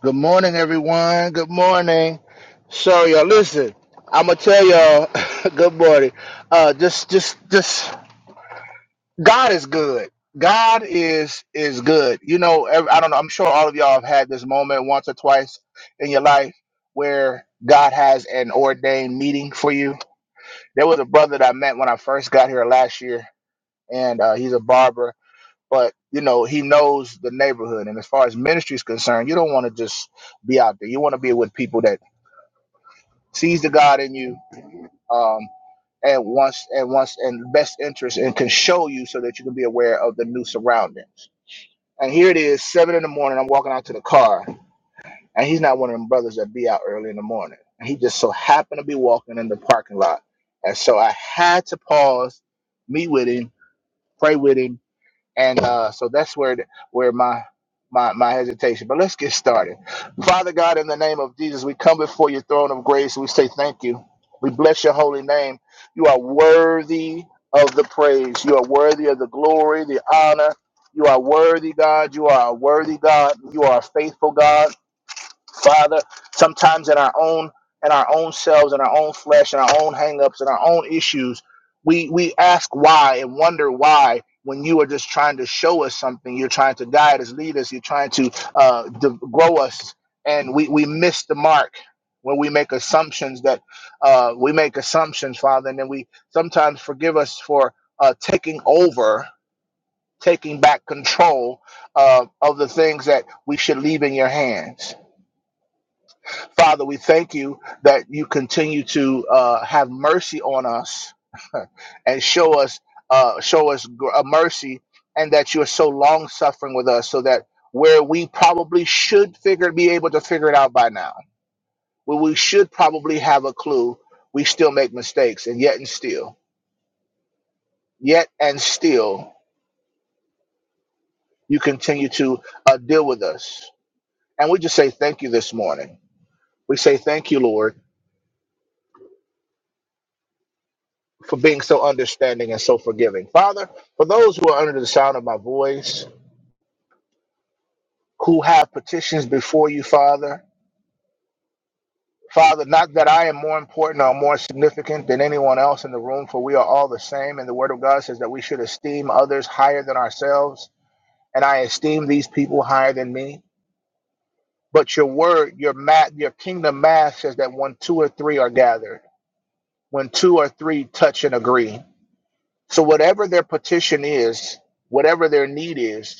Good morning, everyone. Good morning. So, y'all, listen. I'm gonna tell y'all. good morning. Uh, just, just, just. God is good. God is is good. You know, ev- I don't know. I'm sure all of y'all have had this moment once or twice in your life where God has an ordained meeting for you. There was a brother that I met when I first got here last year, and uh, he's a barber. But you know, he knows the neighborhood, and as far as ministry is concerned, you don't want to just be out there. You want to be with people that sees the God in you, um, and wants and wants and best interest and can show you so that you can be aware of the new surroundings. And here it is, seven in the morning. I'm walking out to the car, and he's not one of them brothers that be out early in the morning. And he just so happened to be walking in the parking lot, and so I had to pause, meet with him, pray with him and uh, so that's where where my my my hesitation. But let's get started. Father God, in the name of Jesus, we come before your throne of grace. We say thank you. We bless your holy name. You are worthy of the praise. You are worthy of the glory, the honor. You are worthy, God. You are a worthy God. You are a faithful God. Father, sometimes in our own in our own selves, in our own flesh, in our own hangups, in our own issues, we we ask why and wonder why when you are just trying to show us something, you're trying to guide us, lead us, you're trying to uh, de- grow us, and we we miss the mark when we make assumptions that uh, we make assumptions, Father, and then we sometimes forgive us for uh, taking over, taking back control uh, of the things that we should leave in your hands. Father, we thank you that you continue to uh, have mercy on us and show us uh, show us gr- uh, mercy, and that you are so long suffering with us, so that where we probably should figure be able to figure it out by now, where we should probably have a clue, we still make mistakes, and yet and still, yet and still, you continue to uh, deal with us, and we just say thank you this morning. We say thank you, Lord for being so understanding and so forgiving. Father, for those who are under the sound of my voice, who have petitions before you, Father, Father, not that I am more important or more significant than anyone else in the room, for we are all the same. And the Word of God says that we should esteem others higher than ourselves. And I esteem these people higher than me. But your word, your mat, your kingdom math says that when two or three are gathered, when two or three touch and agree. So whatever their petition is, whatever their need is,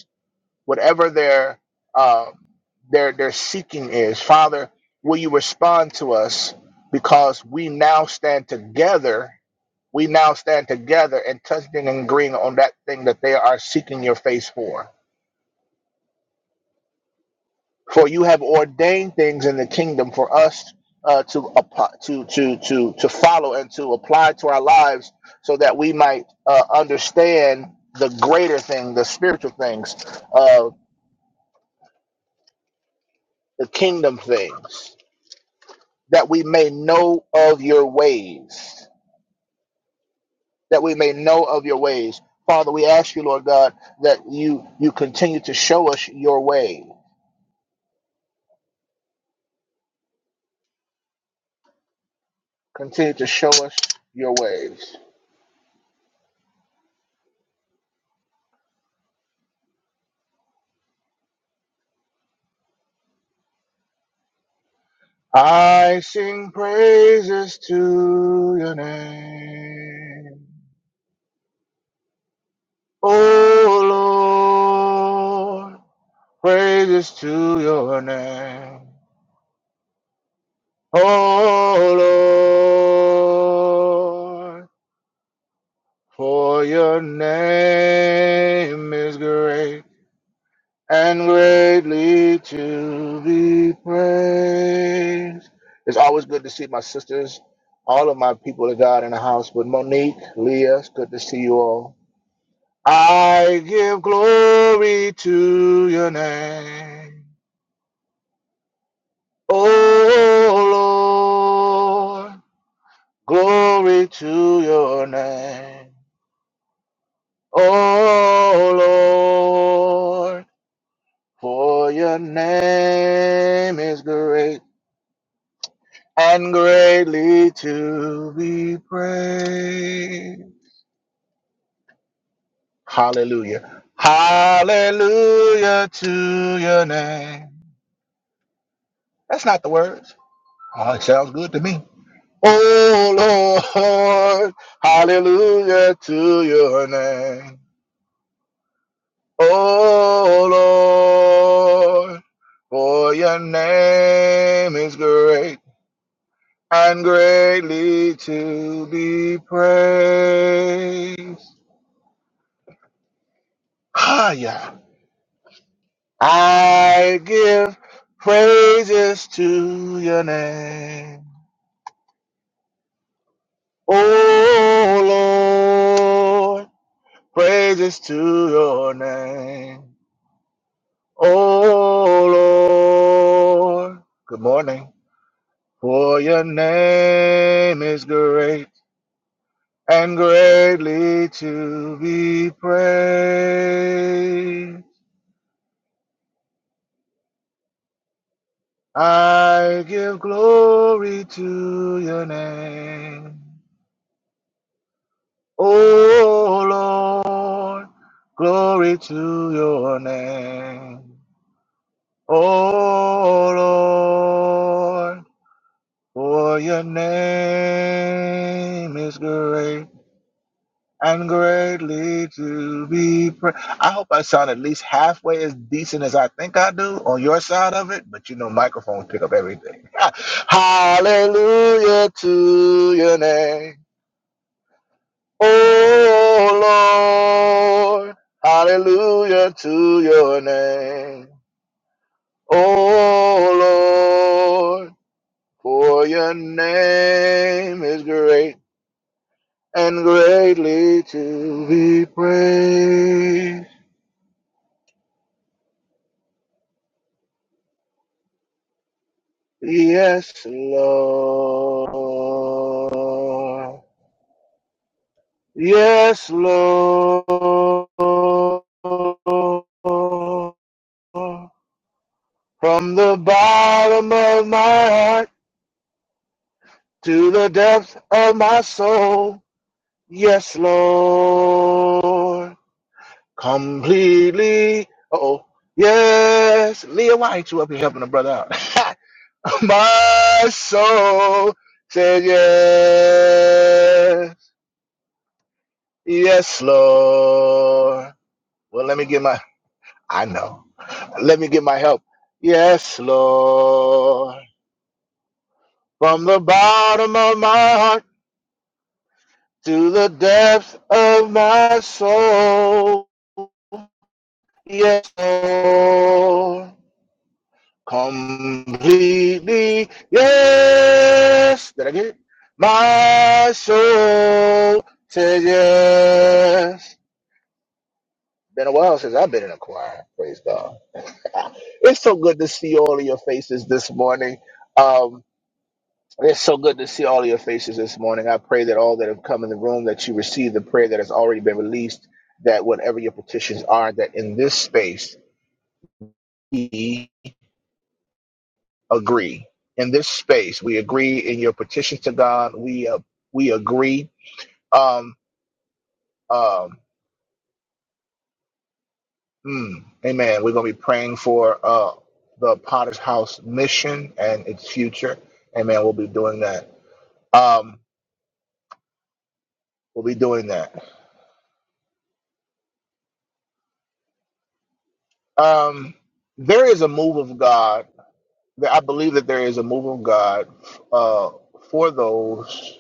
whatever their uh, their their seeking is. Father, will you respond to us because we now stand together. We now stand together and touching and agreeing on that thing that they are seeking your face for. For you have ordained things in the kingdom for us uh, to appo- to to to to follow and to apply to our lives, so that we might uh, understand the greater thing, the spiritual things, uh, the kingdom things. that we may know of your ways, that we may know of your ways. Father, we ask you, Lord God, that you you continue to show us your way. Continue to show us your ways. I sing praises to your name. Oh Lord, praises to your name. Oh Lord. For your name is great and greatly to be praised. It's always good to see my sisters, all of my people of God in the house, but Monique, Leah, it's good to see you all. I give glory to your name. Oh Lord, glory to your name. Oh Lord. For your name is great and greatly to be praised. Hallelujah. Hallelujah to your name. That's not the words. Oh, it sounds good to me. Oh Lord, hallelujah to your name. Oh Lord, for your name is great and greatly to be praised. Higher. I give praises to your name. Oh Lord, praises to your name. Oh Lord, good morning. For your name is great and greatly to be praised. I give glory to your name. Oh Lord, glory to your name. Oh Lord, for your name is great and greatly to be praised. I hope I sound at least halfway as decent as I think I do on your side of it, but you know, microphones pick up everything. Hallelujah to your name, oh Lord. Hallelujah to your name, oh Lord. For your name is great and greatly to be praised. Yes, Lord. Yes, Lord. From the bottom of my heart to the depth of my soul. Yes, Lord. Completely. Oh, yes. Leah, why ain't you up here helping a brother out? my soul said yes. Yes, Lord. Well, let me get my, I know. Let me get my help. Yes, Lord. From the bottom of my heart to the depth of my soul. Yes, Lord. Completely. Yes. Did I get it? My soul says yes. Been a while since I've been in a choir. Praise God. It's so good to see all of your faces this morning. Um, it's so good to see all of your faces this morning. I pray that all that have come in the room that you receive the prayer that has already been released. That whatever your petitions are, that in this space we agree. In this space, we agree in your petitions to God. We uh, we agree. Um, um, mm, amen. We're gonna be praying for uh, the Potter's House mission and its future. Amen. We'll be doing that. Um, We'll be doing that. Um, there is a move of God. that- I believe that there is a move of God uh, for those,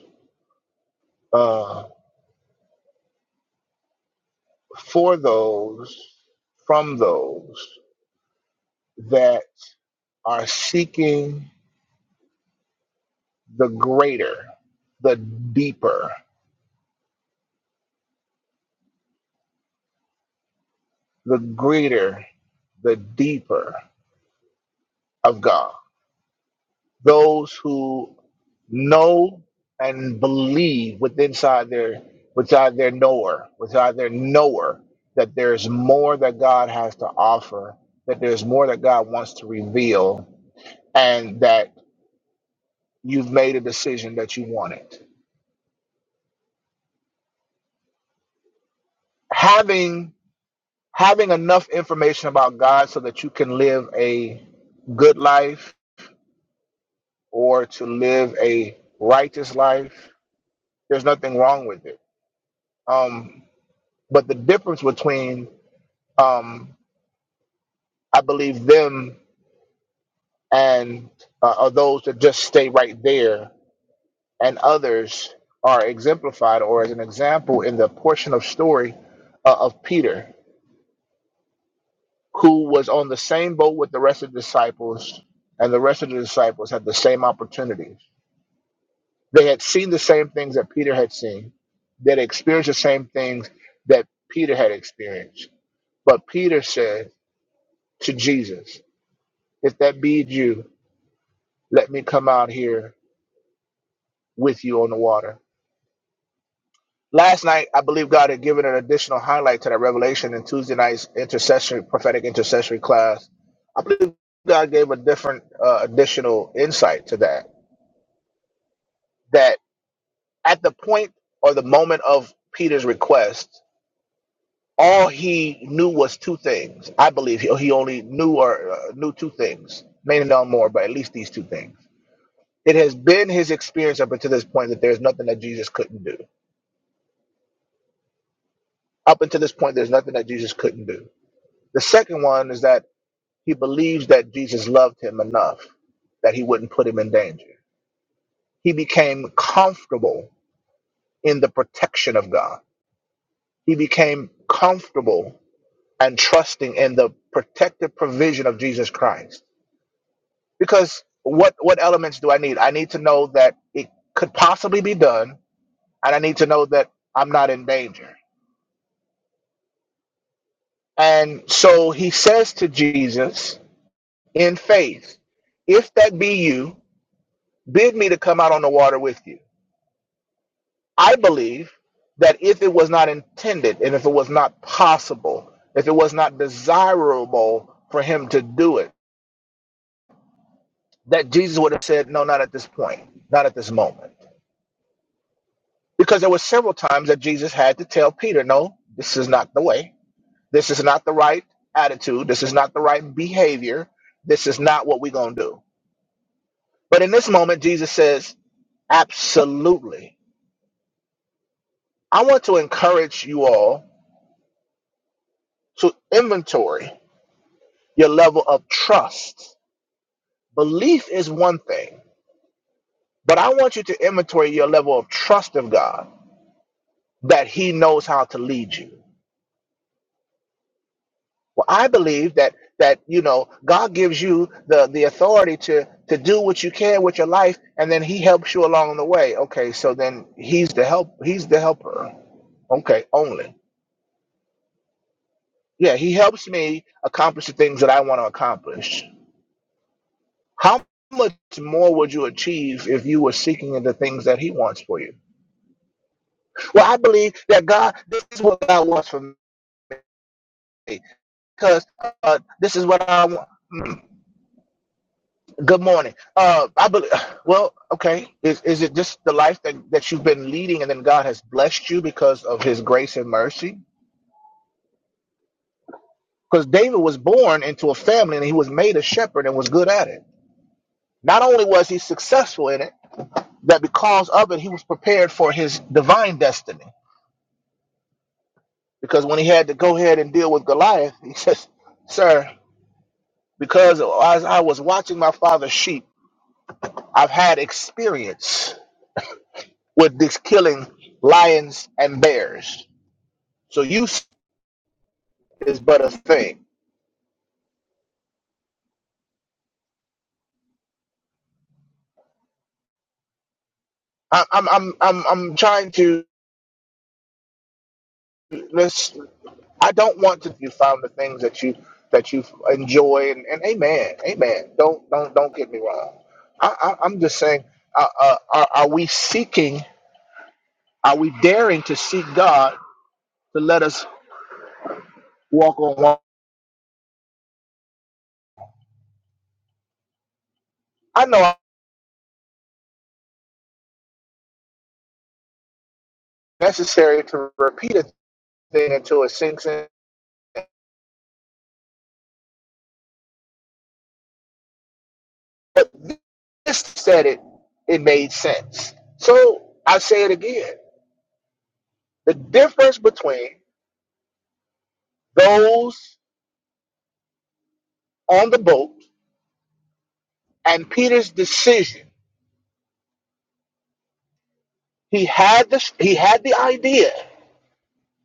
uh, for those, from those that are seeking the greater, the deeper, the greater, the deeper of God. those who know and believe with inside their within their knower, within their knower that there's more that God has to offer, that there's more that God wants to reveal, and that you've made a decision that you want it. Having having enough information about God so that you can live a good life or to live a righteous life, there's nothing wrong with it. Um, but the difference between um, I believe them and uh, are those that just stay right there, and others are exemplified or as an example in the portion of story uh, of Peter, who was on the same boat with the rest of the disciples, and the rest of the disciples had the same opportunities. They had seen the same things that Peter had seen, they experienced the same things that Peter had experienced. But Peter said to Jesus, If that be you, let me come out here with you on the water. Last night, I believe God had given an additional highlight to that revelation in Tuesday night's intercessory, prophetic intercessory class. I believe God gave a different uh, additional insight to that. That at the point or the moment of Peter's request, all he knew was two things. I believe he, he only knew or uh, knew two things, maybe not more, but at least these two things. It has been his experience up until this point that there's nothing that Jesus couldn't do. Up until this point, there's nothing that Jesus couldn't do The second one is that he believes that Jesus loved him enough that he wouldn't put him in danger. He became comfortable in the protection of God. He became comfortable and trusting in the protective provision of Jesus Christ. Because what what elements do I need? I need to know that it could possibly be done and I need to know that I'm not in danger. And so he says to Jesus in faith, if that be you, bid me to come out on the water with you. I believe that if it was not intended and if it was not possible, if it was not desirable for him to do it, that Jesus would have said, No, not at this point, not at this moment. Because there were several times that Jesus had to tell Peter, No, this is not the way. This is not the right attitude. This is not the right behavior. This is not what we're going to do. But in this moment, Jesus says, Absolutely. I want to encourage you all to inventory your level of trust. Belief is one thing, but I want you to inventory your level of trust of God that He knows how to lead you. Well, I believe that that you know God gives you the the authority to to do what you can with your life, and then He helps you along the way. Okay, so then He's the help. He's the helper. Okay, only. Yeah, He helps me accomplish the things that I want to accomplish. How much more would you achieve if you were seeking the things that He wants for you? Well, I believe that God, this is what God wants from me, because uh, this is what I want. Mm, Good morning. Uh, I believe. Well, okay. Is is it just the life that that you've been leading, and then God has blessed you because of His grace and mercy? Because David was born into a family, and he was made a shepherd, and was good at it. Not only was he successful in it, that because of it, he was prepared for his divine destiny. Because when he had to go ahead and deal with Goliath, he says, "Sir, because as I was watching my father's sheep, I've had experience with this killing lions and bears. So use is but a thing. I, I'm I'm I'm I'm trying to let's. I don't want to you found the things that you that you enjoy and, and amen amen. Don't don't don't get me wrong. I, I I'm just saying. Uh, uh, are, are we seeking? Are we daring to seek God to let us walk on water? I know it's necessary to repeat it thing until it sinks in. But this said it, it made sense. So I say it again. The difference between those on the boat and Peter's decision, he had the he had the idea,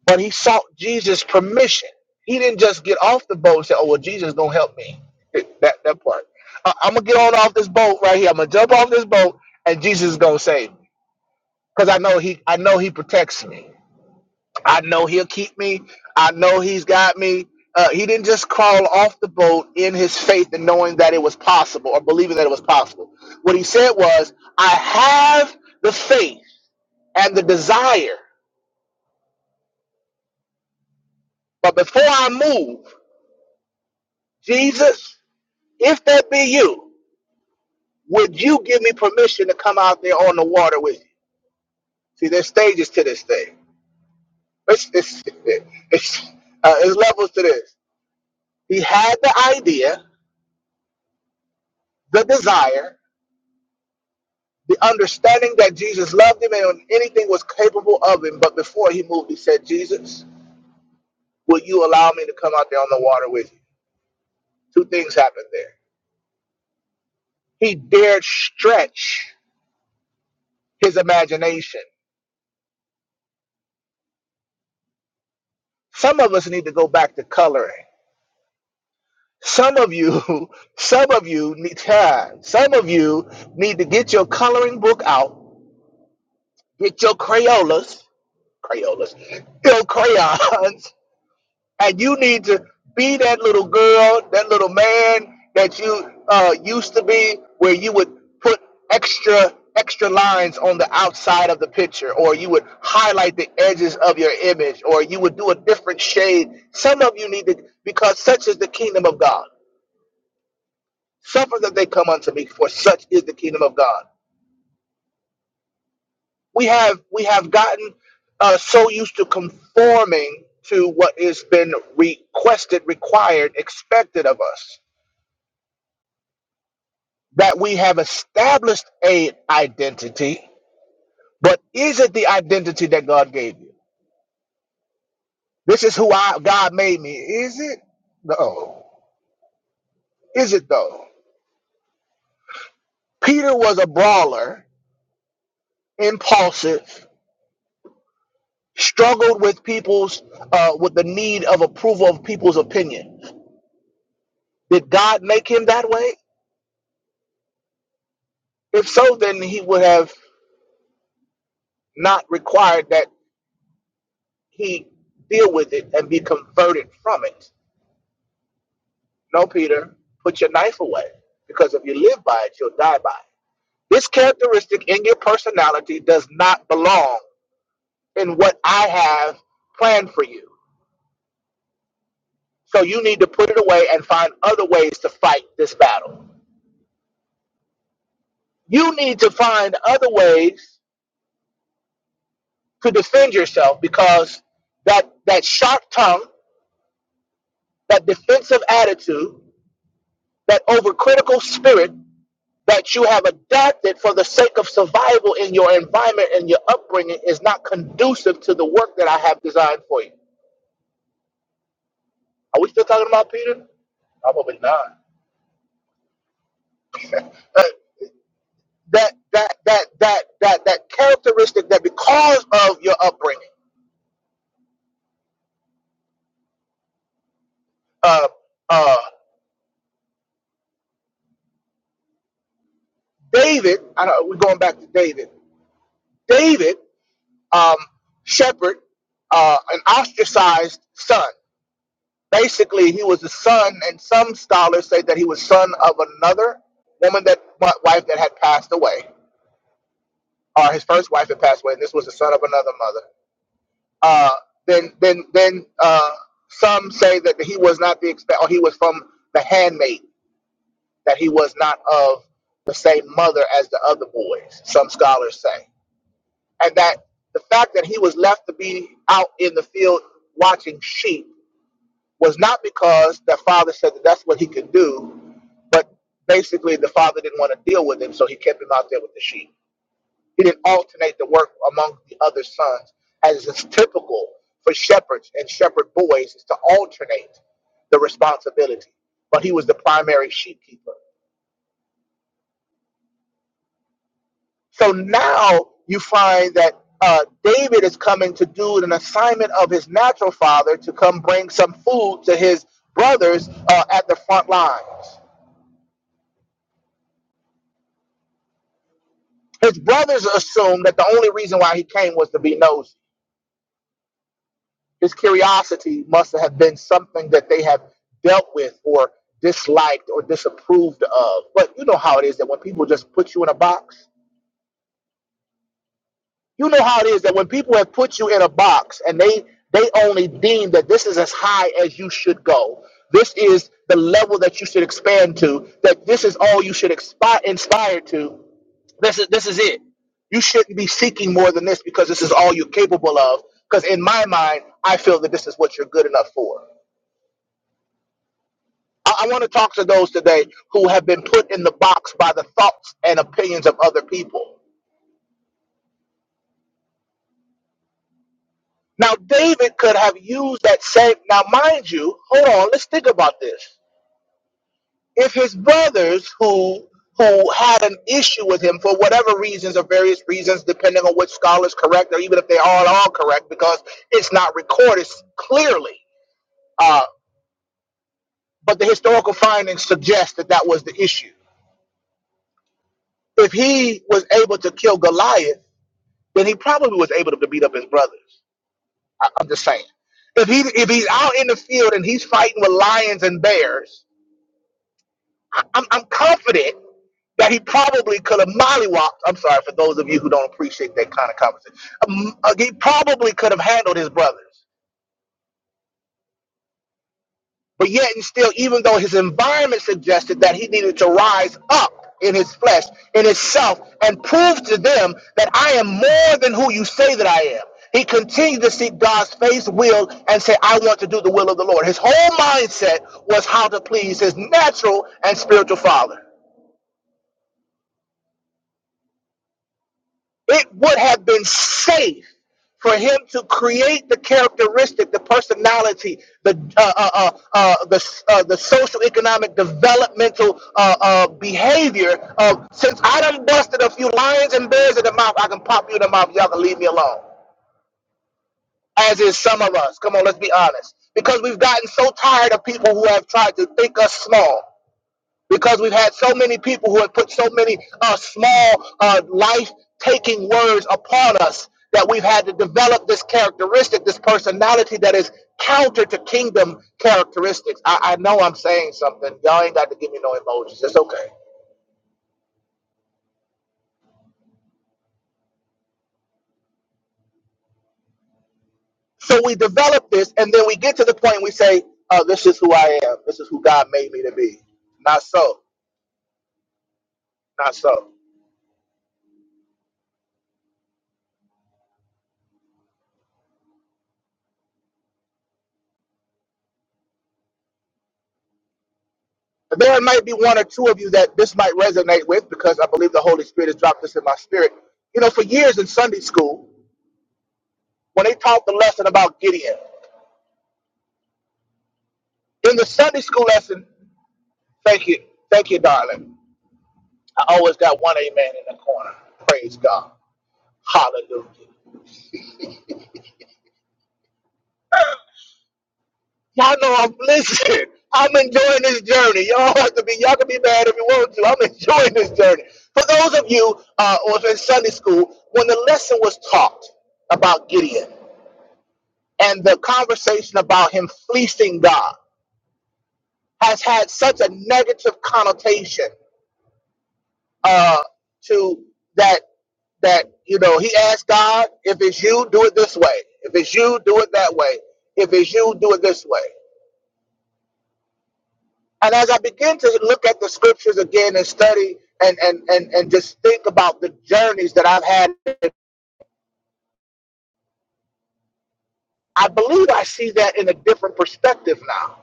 but he sought Jesus' permission. He didn't just get off the boat and say, "Oh well, Jesus gonna help me." That that part. Uh, I'm gonna get on off this boat right here. I'm gonna jump off this boat, and Jesus is gonna save me because I know he I know he protects me. I know he'll keep me. I know he's got me. Uh, he didn't just crawl off the boat in his faith and knowing that it was possible or believing that it was possible. What he said was, I have the faith and the desire, but before I move, Jesus, if that be you, would you give me permission to come out there on the water with you? See, there's stages to this thing. It's, it's, it's, uh, it's levels to this. He had the idea, the desire, the understanding that Jesus loved him and anything was capable of him. But before he moved, he said, Jesus, will you allow me to come out there on the water with you? Two things happened there. He dared stretch his imagination. Some of us need to go back to coloring. Some of you, some of you need time. Some of you need to get your coloring book out, get your Crayolas, Crayolas, your crayons, and you need to be that little girl, that little man that you uh, used to be, where you would put extra extra lines on the outside of the picture, or you would highlight the edges of your image, or you would do a different shade. Some of you need to, because such is the kingdom of God. Suffer that they come unto me, for such is the kingdom of God. We have we have gotten uh, so used to conforming to what has been requested, required, expected of us that we have established a identity, but is it the identity that God gave you? This is who I God made me. Is it? No. Is it though? Peter was a brawler, impulsive, struggled with people's uh, with the need of approval of people's opinion. Did God make him that way? If so, then he would have not required that he deal with it and be converted from it. No, Peter, put your knife away, because if you live by it, you'll die by it. This characteristic in your personality does not belong in what I have planned for you. So you need to put it away and find other ways to fight this battle. You need to find other ways to defend yourself because that that sharp tongue, that defensive attitude, that overcritical spirit that you have adapted for the sake of survival in your environment and your upbringing is not conducive to the work that I have designed for you. Are we still talking about Peter? Probably not. Uh, that that that that that that characteristic that because of your upbringing, uh, uh, David. I know we're going back to David. David, um, shepherd, uh, an ostracized son. Basically, he was the son, and some scholars say that he was son of another woman that wife that had passed away, or his first wife had passed away, and this was the son of another mother. Uh, then, then, then uh, some say that he was not the expect, or he was from the handmaid, that he was not of the same mother as the other boys. Some scholars say, and that the fact that he was left to be out in the field watching sheep was not because the father said that that's what he could do But basically, the father didn't want to deal with him, so he kept him out there with the sheep. He didn't alternate the work among the other sons, as is typical for shepherds and shepherd boys, is to alternate the responsibility. But he was the primary sheep keeper. So now you find that uh, David is coming to do an assignment of his natural father to come bring some food to his brothers uh, at the front lines. His brothers assumed that the only reason why he came was to be nosy This curiosity must have been something that they have dealt with or disliked or disapproved of. But you know how it is that when people just put you in a box, you know how it is that when people have put you in a box and they they only deem that this is as high as you should go. This is the level that you should expand to. That this is all you should expi- inspire to. This is this is it. You shouldn't be seeking more than this because this is all you're capable of. Because in my mind, I feel that this is what you're good enough for. I, I want to talk to those today who have been put in the box by the thoughts and opinions of other people. Now, David could have used that same. Now, mind you, hold on. Let's think about this. If his brothers who who had an issue with him for whatever reasons or various reasons, depending on which scholar is correct, or even if they are at all correct, because it's not recorded clearly. Uh, but the historical findings suggest that that was the issue. If he was able to kill Goliath then he probably was able to beat up his brothers. I, I'm just saying. If he if he's out in the field and he's fighting with lions and bears, I, I'm I'm confident that he probably could have mollywopped. I'm sorry for those of you who don't appreciate that kind of conversation. Um, uh, he probably could have handled his brothers. But yet and still, even though his environment suggested that he needed to rise up in his flesh, in his self, and prove to them that I am more than who you say that I am. He continued to seek God's face, will, and say, I want to do the will of the Lord. His whole mindset was how to please his natural and spiritual father. It would have been safe for him to create the characteristic, the personality, the uh, uh, uh, uh, the uh, the social, economic, developmental uh, uh, behavior of since I done busted a few lions and bears in the mouth, I can pop you in the mouth. Y'all can leave me alone. As is some of us. Come on, let's be honest. Because we've gotten so tired of people who have tried to think us small because we've had so many people who have put so many uh, small uh, life-taking words upon us that we've had to develop this characteristic, this personality that is counter to kingdom characteristics. I, I know I'm saying something. Y'all ain't got to give me no emojis. It's okay. So we develop this, and then we get to the point we say, "Oh, this is who I am. This is who God made me to be." Not so. Not so. There might be one or two of you that this might resonate with because I believe the Holy Spirit has dropped this in my spirit. You know, for years in Sunday school, when they taught the lesson about Gideon, in the Sunday school lesson, thank you, thank you, darling. I always got one amen in the corner. Praise God. Hallelujah. Y'all know I'm listening. I'm enjoying this journey. Y'all have to be, y'all can be mad if you want to. I'm enjoying this journey. For those of you uh, who was in Sunday school, when the lesson was taught about Gideon, and the conversation about him fleecing God has had such a negative connotation uh, to that that you know he asked God, if it's you, do it this way. If it's you, do it that way. If it's you, do it this way. And as I begin to look at the scriptures again and study and and and, and just think about the journeys that I've had, I believe I see that in a different perspective now.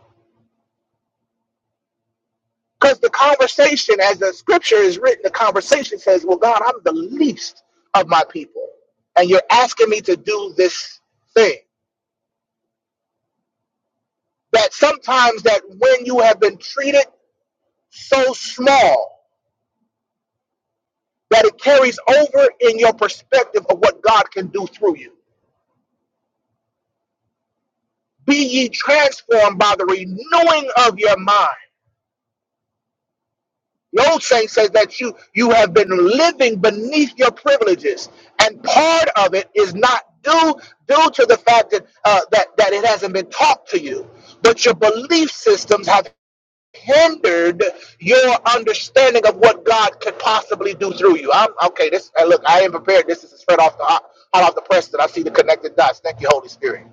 Because the conversation, as the scripture is written, the conversation says, Well, God, I'm the least of my people. And you're asking me to do this thing. That sometimes that when you have been treated so small that it carries over in your perspective of what God can do through you. Be ye transformed by the renewing of your mind. The old saying says that you you have been living beneath your privileges, and part of it is not due due to the fact that uh, that that it hasn't been taught to you, but your belief systems have hindered your understanding of what God could possibly do through you. I'm okay. This uh, look, I am prepared. This is straight off the hot hot off the press that I see the connected dots. Thank you, Holy Spirit.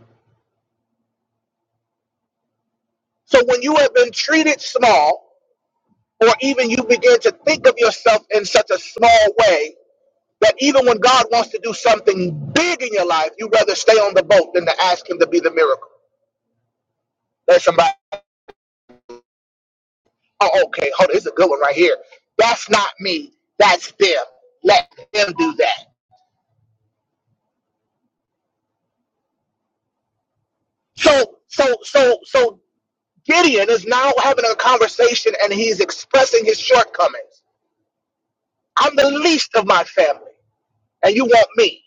So when you have been treated small, or even you begin to think of yourself in such a small way That even when God wants to do something big in your life, you rather stay on the boat than to ask Him to be the miracle. There's somebody. Oh, okay. Hold on. It's a good one right here. That's not me. That's them. Let them do that. So, so, so, so Gideon is now having a conversation and he's expressing his shortcomings. I'm the least of my family, and you want me.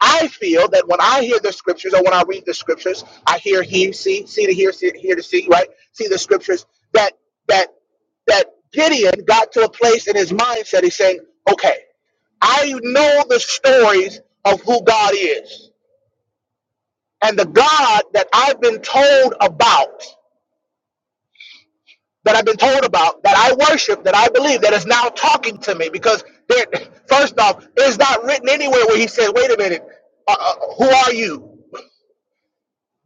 I feel that when I hear the scriptures or when I read the scriptures, I hear he, see, see to hear, see, hear to see, right? See the scriptures that that that Gideon got to a place in his mindset. He's saying, "Okay, I know the stories of who God is and the God that I've been told about, that I've been told about, that I worship, that I believe, that is now talking to me. Because there, first off, it's not written anywhere where He said, "Wait a minute, uh, uh, who are you?"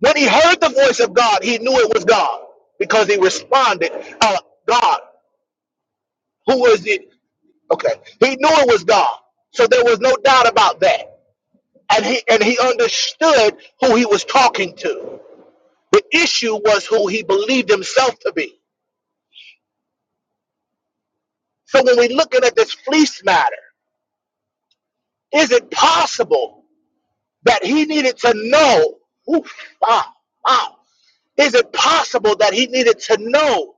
When he heard the voice of God, he knew it was God because he responded, uh, God, who is it? Okay. He knew it was God. So there was no doubt about that. And he and he understood who he was talking to. The issue was who he believed himself to be. So when we're looking at this fleece matter, is it possible that he needed to know? Oof, wow, wow. Is it possible that he needed to know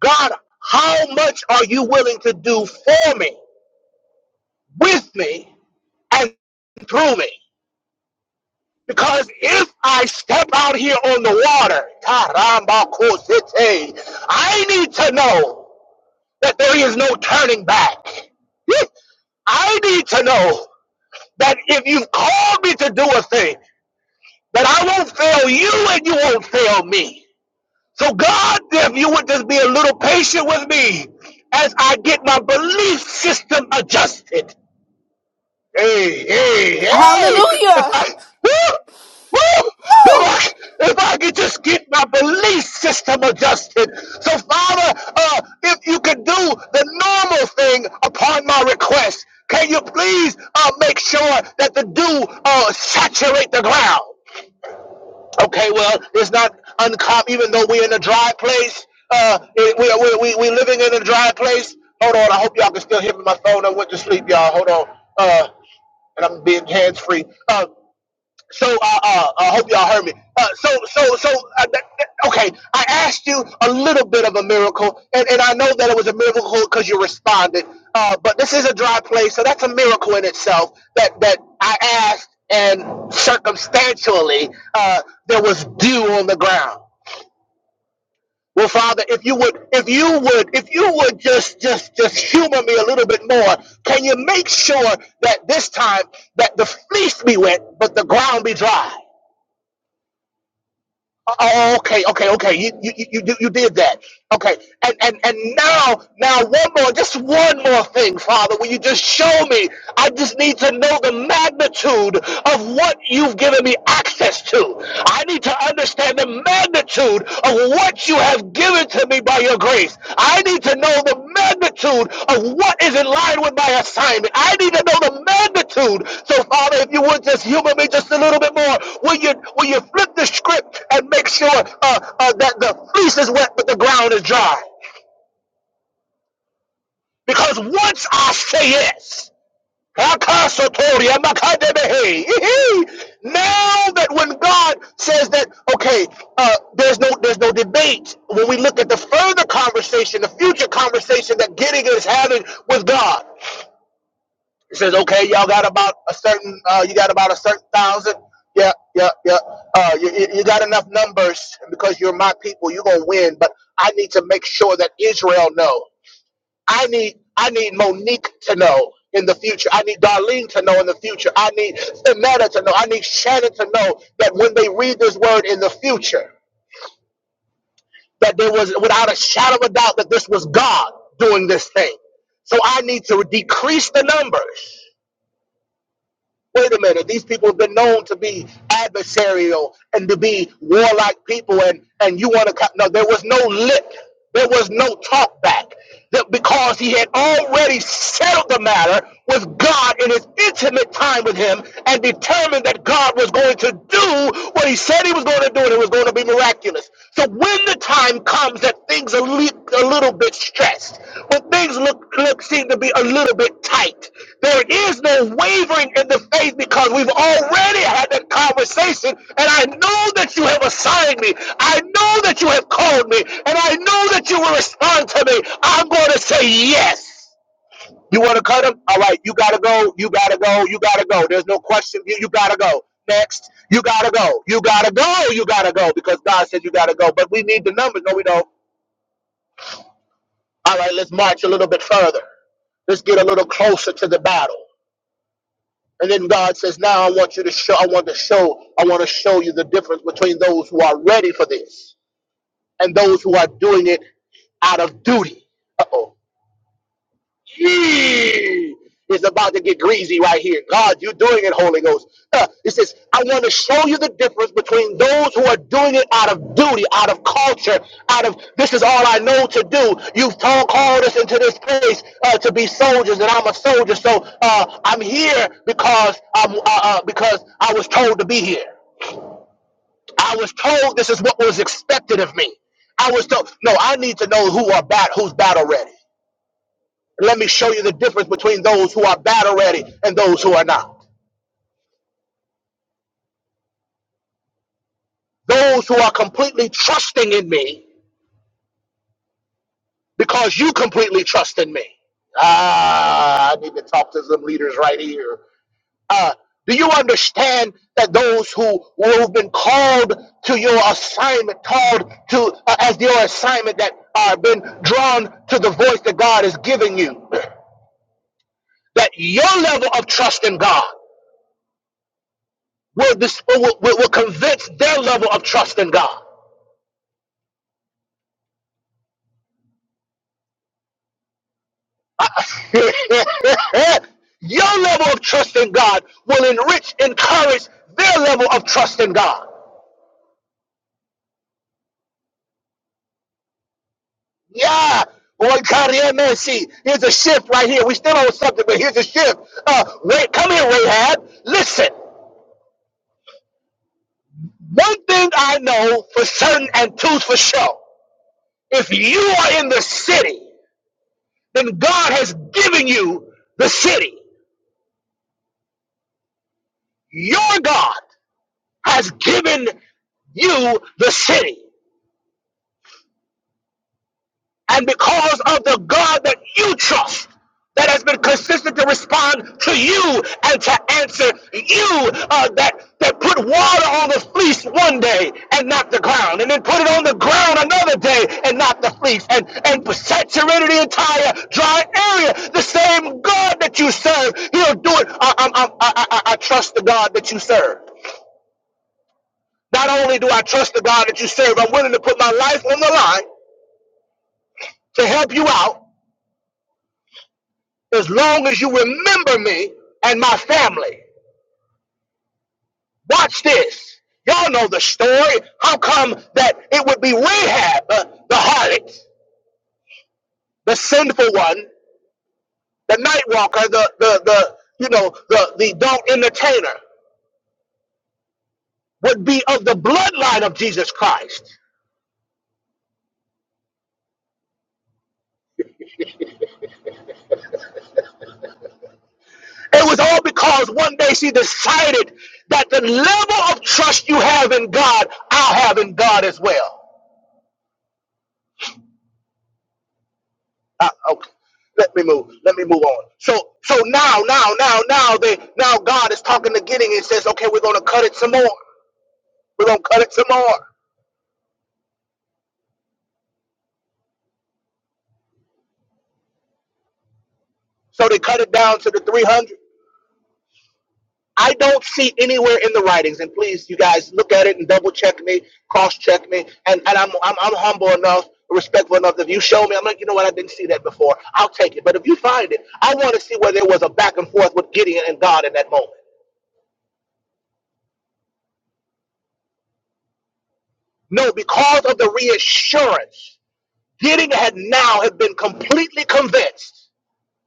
God, how much are you willing to do for me, with me, and through me? Because if I step out here on the water, Taramba Kosite, I need to know that there is no turning back. I need to know that if you've called me to do a thing, that I won't fail you and you won't fail me. So God, if you would just be a little patient with me as I get my belief system adjusted. Hey, hey, hey! If Hallelujah. I, woo, woo, if Woo! I, if I could just get my belief system adjusted. So Father, uh, if you could do the normal thing upon my request, can you please uh, make sure that the dew uh, saturate the ground? Okay, well, it's not uncommon, even though we're in a dry place. Uh, it, we, we, we, we living in a dry place. Hold on, I hope y'all can still hear me. My phone, I went to sleep, y'all. Hold on. Uh, and I'm being hands free. So uh, uh, I hope y'all heard me. Uh, so so so uh, that, that- okay, I asked you a little bit of a miracle, and, and I know that it was a miracle because you responded. Uh, but this is a dry place, so that's a miracle in itself. That that I asked, and circumstantially uh, there was dew on the ground. Well, Father, if you would, if you would, if you would just, just, just humor me a little bit more, can you make sure that this time that the fleece be wet, but the ground be dry? Oh, okay, okay, okay. You you you you you did that. Okay, and and and now now one more, just one more thing, Father. Will you just show me? I just need to know the magnitude of what you've given me access to. I need to understand the magnitude of what you have given to me by your grace. I need to know the magnitude of what is in line with my assignment. I need to know the magnitude. So, Father, if you would just humor me just a little bit more, will you will you flip the script and make sure uh, uh, that the fleece is wet but the ground is dry? Because once I say yes. Akasotori, amakadebehe. Ihi. Now that when God says that, okay, uh, there's no there's no debate. When we look at the further conversation, the future conversation that Gideon is having with God, it says, okay, y'all got about a certain, uh, you got about a certain thousand. Yeah, yeah, yeah. Uh, you, you you got enough numbers and because you're my people. You're gonna win, but I need to make sure that Israel know. I need I need Monique to know in the future. I need Darlene to know in the future. I need Emeta to know. I need Shannon to know that when they read this word in the future, that there was without a shadow of a doubt that this was God doing this thing. So I need to decrease the numbers Wait a minute, these people have been known to be adversarial and to be warlike people, and and you want to co- no? There was no lip, there was no talk back, That- because he had already settled the matter with God in his intimate time with Him, and determined that God was going to do what He said He was going to do, and it was going to be miraculous stress. So when the time comes that things are li- a little bit stressed, when things look, look seem to be a little bit tight, there is no wavering in the faith because we've already had that conversation, and I know that you have assigned me. I know that you have called me, and I know that you will respond to me. I'm going to say yes. You want to cut him? All right, you gotta go. You gotta go. You gotta go. There's no question. You, you gotta go. Next, you gotta go. You gotta go. You gotta go because God said you gotta go. But we need the numbers. No, we don't. All right, let's march a little bit further. Let's get a little closer to the battle. And then God says, "Now I want you to show. I want to show. I want to show you the difference between those who are ready for this and those who are doing it out of duty." Uh oh. Yee! It's about to get greasy right here. God, you're doing it, Holy Ghost. Uh, it says, I want to show you the difference between those who are doing it out of duty, out of culture, out of this is all I know to do. You've told, called us into this place uh, to be soldiers, and I'm a soldier, so uh, I'm here because I'm uh, uh, because I was told to be here. I was told this is what was expected of me. I was told, no, I need to know who are bat, who's battle ready. Let me show you the difference between those who are battle ready and those who are not. Those who are completely trusting in me because you completely trust in me. Ah, I need to talk to some leaders right here. Uh, do you understand that those who, who have been called to your assignment, called to uh, as your assignment, that are been drawn to the voice that God is giving you, that your level of trust in God will, dis- will, will will convince their level of trust in God. Your level of trust in God will enrich, encourage their level of trust in God. Yeah. Boy, God, yeah, man, see, here's a shift right here. We still on something, but here's a shift. Uh, wait, come here, Rahab. Listen, one thing I know for certain and two for sure. If you are in the city, then God has given you the city. Your God has given you the city. And because of the God that you trust, that has been consistent to respond to you and to answer you, uh, that, that put water on the fleece one day and not the ground, and then put it on the ground another day and not the fleece, and, and saturated the entire dry area. The same God that you serve, He'll do it. I, I, I, I, I I trust the God that you serve. Not only do I trust the God that you serve, I'm willing to put my life on the line to help you out as long as you remember me and my family. Watch this. Y'all know the story. How come that it would be Rahab, uh, the harlot, the sinful one, the night walker, the, the, the you know, the, the adult entertainer would be of the bloodline of Jesus Christ? It was all because one day she decided that the level of trust you have in God, I'll have in God as well. Uh, okay. Let me move. Let me move on. So so now now now now they now God is talking to Gideon and says, okay, we're gonna cut it some more. We're gonna cut it some more. So they cut it down to the 300. I don't see anywhere in the writings, and please, you guys, look at it and double check me, cross check me, and, and I'm, I'm I'm humble enough, respectful enough. If you show me, I'm like, you know what, I didn't see that before. I'll take it. But if you find it, I want to see where there was a back and forth with Gideon and God in that moment. No, because of the reassurance Gideon had now have been completely convinced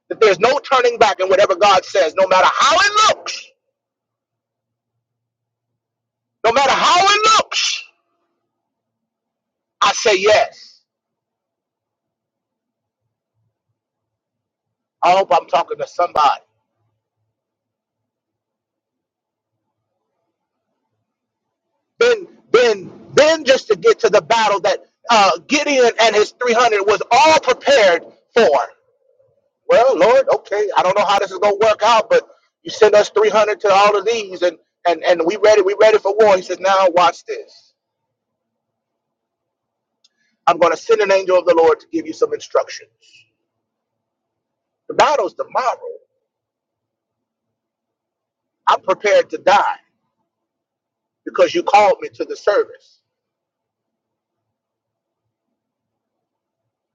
that there's no turning back in whatever God says, no matter how it looks, no matter how it looks. I say yes. I hope I'm talking to somebody. Then, then, then, just to get to the battle that uh, Gideon and his 300 was all prepared for. Well, Lord, okay, I don't know how this is gonna work out, but you send us 300 to all of these, and and and we ready, we ready for war. He says, now watch this. I'm gonna send an angel of the Lord to give you some instructions. The battle's tomorrow. I'm prepared to die because you called me to the service.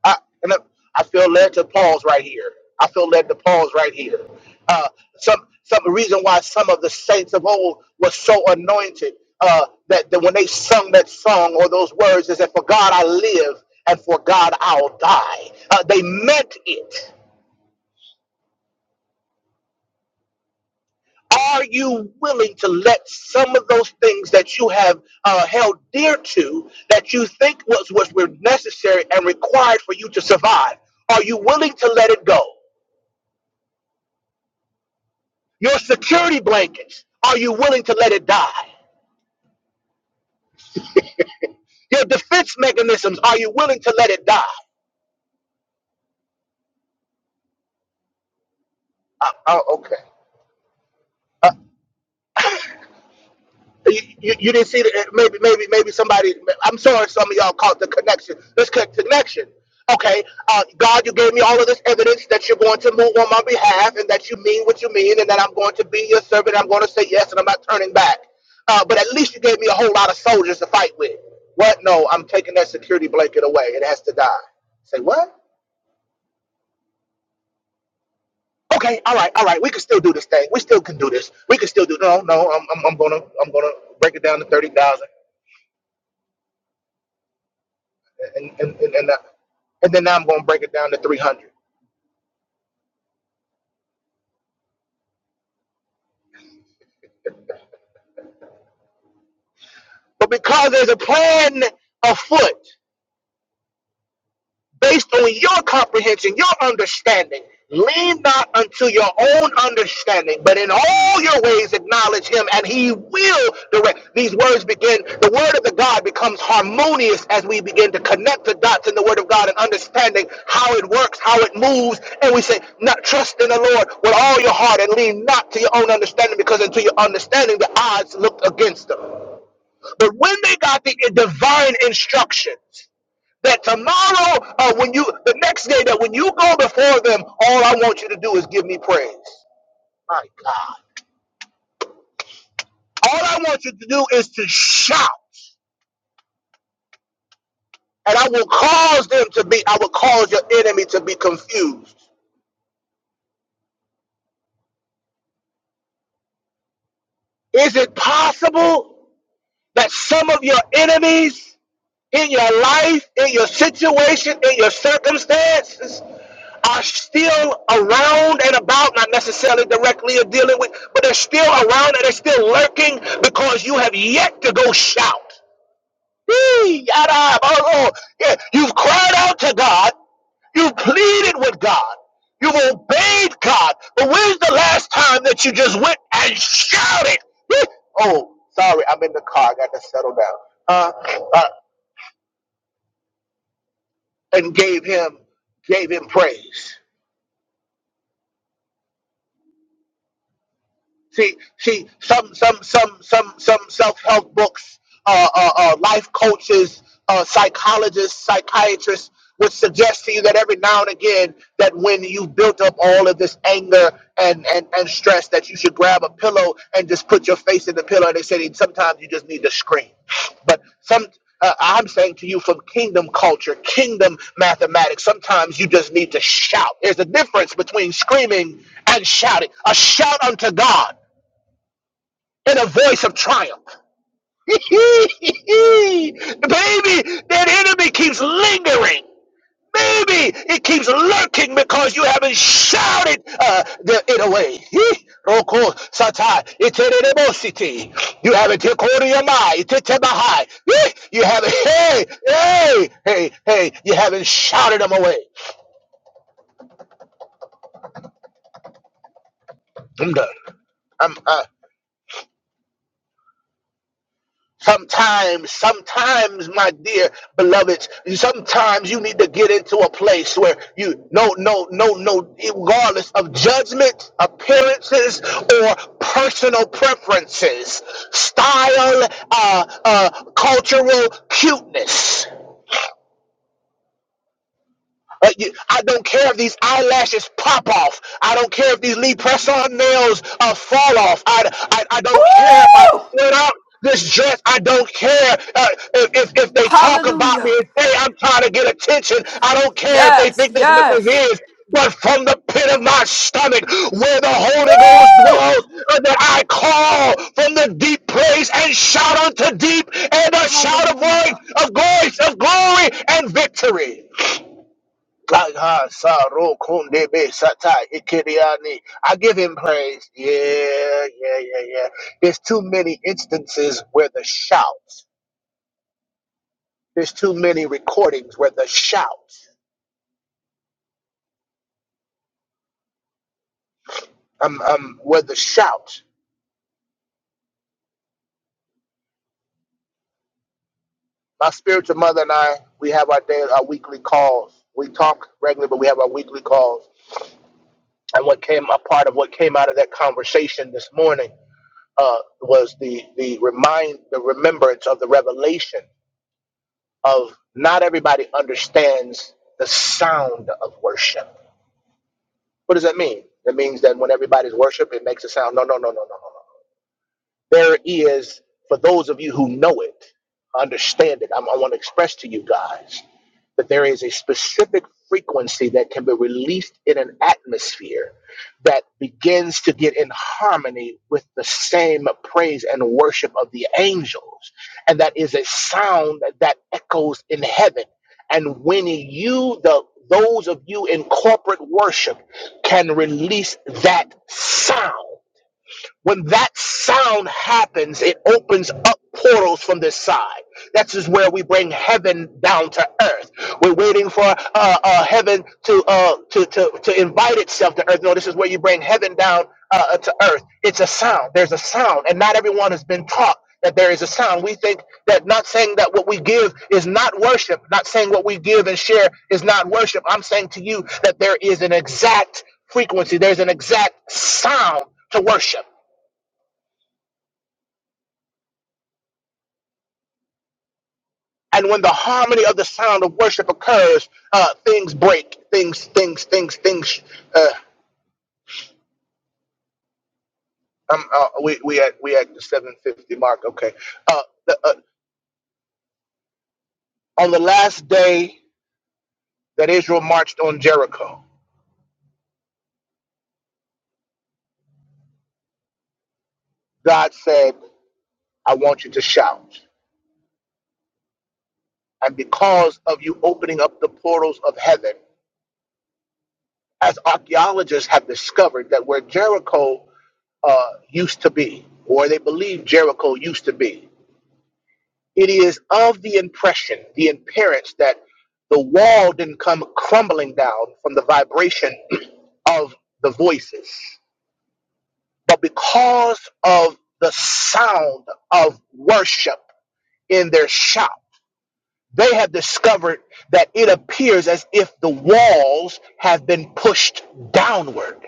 I and I, I feel led to pause right here. I feel led to pause right here. Uh, some some the reason why some of the saints of old were so anointed uh, that, that when they sung that song or those words, is that for God I live and for God I'll die. Uh, they meant it. Are you willing to let some of those things that you have uh, held dear to, that you think was, was were necessary and required for you to survive, are you willing to let it go? Your security blankets, are you willing to let it die? Your defense mechanisms, are you willing to let it die? Uh, oh, okay. You, you, you didn't see that? Maybe, maybe, maybe somebody. I'm sorry, some of y'all caught the connection. This connection. Okay, uh, God, you gave me all of this evidence that you're going to move on my behalf, and that you mean what you mean, and that I'm going to be your servant. I'm going to say yes, and I'm not turning back. Uh, but at least you gave me a whole lot of soldiers to fight with. What? No, I'm taking that security blanket away. It has to die. Say what? Okay, all right, all right. We can still do this thing. We still can do this. We can still do. No, no. I'm, I'm, I'm gonna, I'm gonna break it down to thirty thousand. and and, and, and, uh, and then now I'm going to break it down to 300. But because there's a plan afoot, based on your comprehension, your understanding. Lean not unto your own understanding, but in all your ways acknowledge him, and he will direct. These words begin, the word of the God becomes harmonious as we begin to connect the dots in the word of God and understanding how it works, how it moves. And we say, not trust in the Lord with all your heart and lean not to your own understanding, because unto your understanding the odds looked against them. But when they got the divine instructions, that tomorrow, uh, when you, the next day, that when you go before them, all I want you to do is give me praise. My God. All I want you to do is to shout, and I will cause them to be, I will cause your enemy to be confused. Is it possible that some of your enemies in your life, in your situation, in your circumstances are still around and about, not necessarily directly or dealing with, but they're still around and they're still lurking because you have yet to go shout. Yee, yada, oh, oh. Yeah, You've cried out to God, you've pleaded with God, you've obeyed God, but when's the last time that you just went and shouted? Yee, Oh, sorry, I'm in the car, I got to settle down. Uh. uh, and gave him gave him praise. See, see, some, some, some, some, some self-help books, uh, uh, uh, life coaches, uh, psychologists, psychiatrists would suggest to you that every now and again that when you built up all of this anger and, and, and stress that you should grab a pillow and just put your face in the pillow. And they say that sometimes you just need to scream. But some, uh, I'm saying to you from kingdom culture, kingdom mathematics, sometimes you just need to shout. There's a difference between screaming and shouting. A shout unto God in a voice of triumph. Baby, that enemy keeps lingering. Baby, it keeps lurking because you haven't shouted uh, the, it away. He- Roko satai iterebositi. You haven't taken yamai You haven't hey hey hey hey. You haven't shouted them away. I'm done. I'm. uh, Sometimes, sometimes, my dear beloveds, sometimes you need to get into a place where you no, no, no, no, regardless of judgment, appearances, or personal preferences, style, uh, uh, cultural cuteness. Uh, you- I don't care if these eyelashes pop off. I don't care if these Lee press-on nails uh, fall off. I, I, I don't care if I Woo! split up this dress. I don't care uh, if, if, if they talk about me Hallelujah. and say I'm trying to get attention. I don't care if they Yes, think this what this yes. is. But from the pit of my stomach, where the Holy Ghost Woo! dwells, uh, that I call from the deep place and shout unto deep, and a shout of voice, Hallelujah. of voice, of glory and victory. Kaka Saro Kundebe Satai Ikiriani. I give him praise. Yeah, yeah, yeah, yeah. There's too many instances where the shout. There's too many recordings where the shout. Um, um, where the shout. My spiritual mother and I, we have our day, our weekly calls. We talk regularly, but we have our weekly calls. And what came a part of what came out of that conversation this morning uh, was the the remind the remembrance of the revelation of not everybody understands the sound of worship. What does that mean? That means that when everybody's worship, it makes a sound. No, no, no, no, no, no, no. There is, for those of you who know it, understand it. I'm, I want to express to you guys that there is a specific frequency that can be released in an atmosphere that begins to get in harmony with the same praise and worship of the angels. And that is a sound that echoes in heaven. And when you, the those of you in corporate worship, can release that sound when that sound happens, it opens up portals from this side. That's is where we bring heaven down to earth. We're waiting for uh, uh, heaven to, uh, to to to invite itself to earth. No, this is where you bring heaven down uh, uh, to earth. It's a sound. There's a sound, and not everyone has been taught that there is a sound. We think that not saying that what we give is not worship, not saying what we give and share is not worship. I'm saying to you that there is an exact frequency. There's an exact sound to worship. And when the harmony of the sound of worship occurs, uh, things break. Things, things, things, things. Uh, um, uh, we we at we at the seven fifty mark. Okay. Uh, the, uh, on the last day that Israel marched on Jericho, God said, "I want you to shout." And because of you opening up the portals of heaven, as archaeologists have discovered that where Jericho uh, used to be, or they believe Jericho used to be, It is of the impression, the appearance that the wall didn't come crumbling down from the vibration of the voices, but because of the sound of worship in their shout, they have discovered that it appears as if the walls have been pushed downward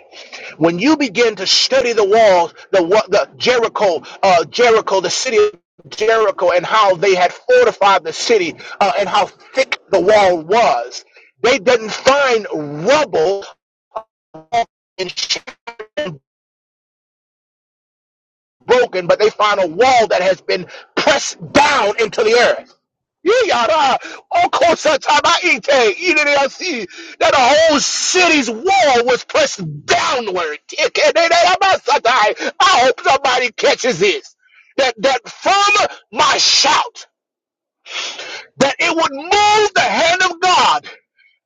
when you begin to study the walls, the the Jericho, uh, Jericho, the city of Jericho, and how they had fortified the city, uh, and how thick the wall was, they didn't find rubble and broken, but they found a wall that has been pressed down into the earth. Yara, Okosataba Ite, Ireasi, that the whole city's wall was pressed downward. Ikenereabasatai. I hope somebody catches this. That that from my shout, that it would move the hand of God.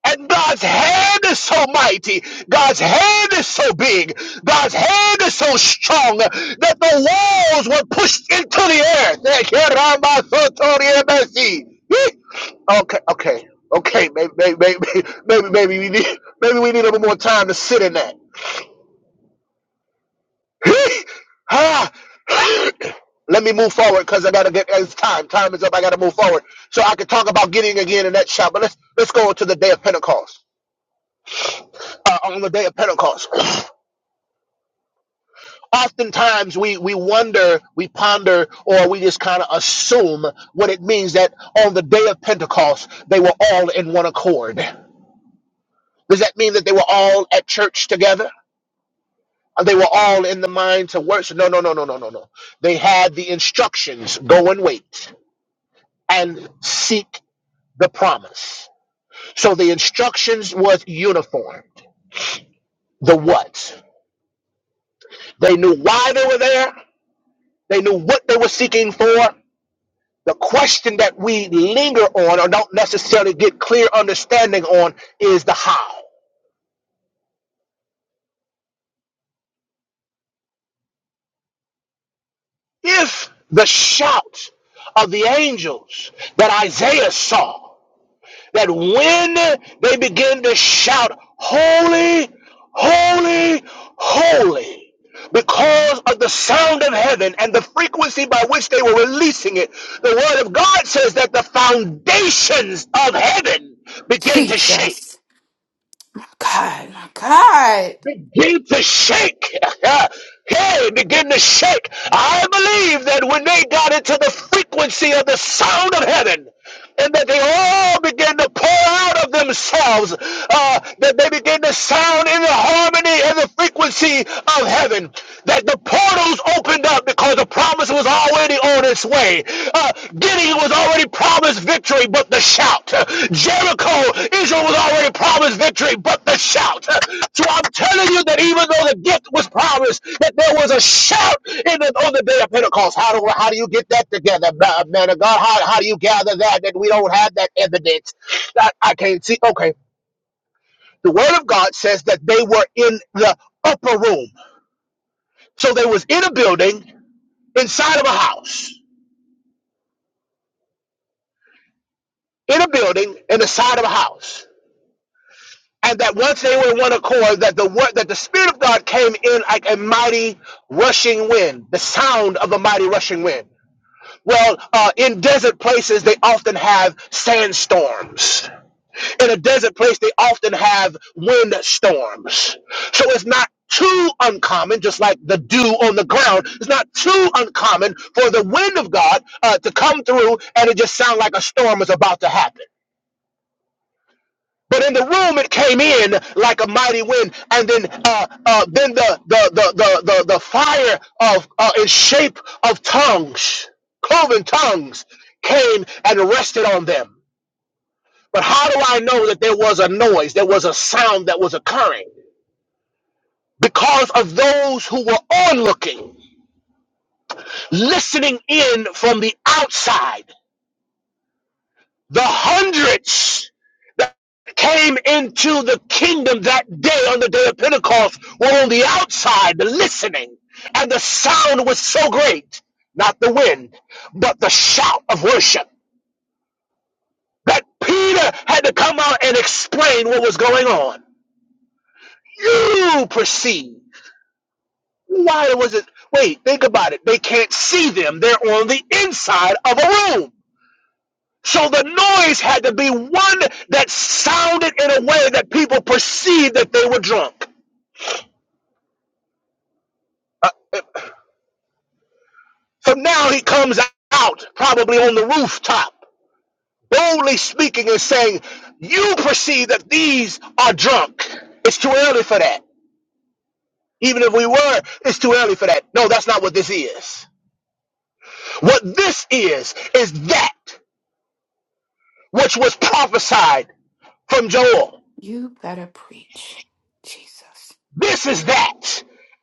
And God's hand is so mighty. God's hand is so big. God's hand is so strong that the walls were pushed into the earth. Okay, okay, okay. Maybe, maybe, maybe, maybe, maybe we need, maybe we need a little more time to sit in that. Ah. Let me move forward because I gotta get. It's time. Time is up. I gotta move forward so I can talk about getting again in that shop. But let's let's go into the day of Pentecost. uh, on the day of Pentecost. Oftentimes we, we wonder, we ponder, or we just kind of assume what it means that on the day of Pentecost, they were all in one accord. Does that mean that they were all at church together? Uh, They were all in the mind to worship? No, no, no, no, no, no, no. They had the instructions go and wait and seek the promise. So the instructions was uniform. The what? They knew why they were there. They knew what they were seeking for The question that we linger on or don't necessarily get clear understanding on is the how. If the shout of the angels that Isaiah saw, that when they begin to shout, Holy, holy, holy, because of the sound of heaven and the frequency by which they were releasing it, the Word of God says that the foundations of heaven began to shake. Jesus. God, my God. begin to shake. hey, begin to shake. I believe that when they got into the frequency of the sound of heaven, and that they all began to pour out of themselves, uh, that they began to sound in the harmony and the frequency of heaven, that the portals opened up because the promise was already on its way. Uh, Gideon was already promised victory, but the shout. Jericho, Israel was already promised victory, but the shout. So I'm telling you that even though the gift was promised, that there was a shout in the, on the day of Pentecost. How do how do you get that together, man of God? How, how do you gather that that we don't have that evidence? I, I can't see. Okay, the Word of God says that they were in the upper room, so they was in a building inside of a house. in a building in the side of a house. And that once they were in one accord, that the word that the Spirit of God came in like a mighty rushing wind, the sound of a mighty rushing wind. Well, uh, in desert places, they often have sandstorms. In a desert place, they often have wind storms. So it's not too uncommon, just like the dew on the ground, it's not too uncommon for the wind of God uh, to come through and it just sound like a storm is about to happen. But in the room, it came in like a mighty wind, and then uh, uh, then the the the the the, the fire of uh, in shape of tongues, cloven tongues, came and rested on them. But how do I know that there was a noise? There was a sound that was occurring because of those who were onlooking, listening in from the outside. the hundreds that came into the kingdom that day on the day of Pentecost were on the outside the listening, and the sound was so great, not the wind, but the shout of worship, that Peter had to come out and explain what was going on. You perceive. Why was it? Wait, think about it. They can't see them. They're on the inside of a room. So the noise had to be one that sounded in a way that people perceived that they were drunk. So now he comes out, probably on the rooftop, boldly speaking and saying, You perceive that these are drunk. It's too early for that. Even if we were, it's too early for that. No, that's not what this is. What this is, is that which was prophesied from Joel. You better preach. Jesus. This is that.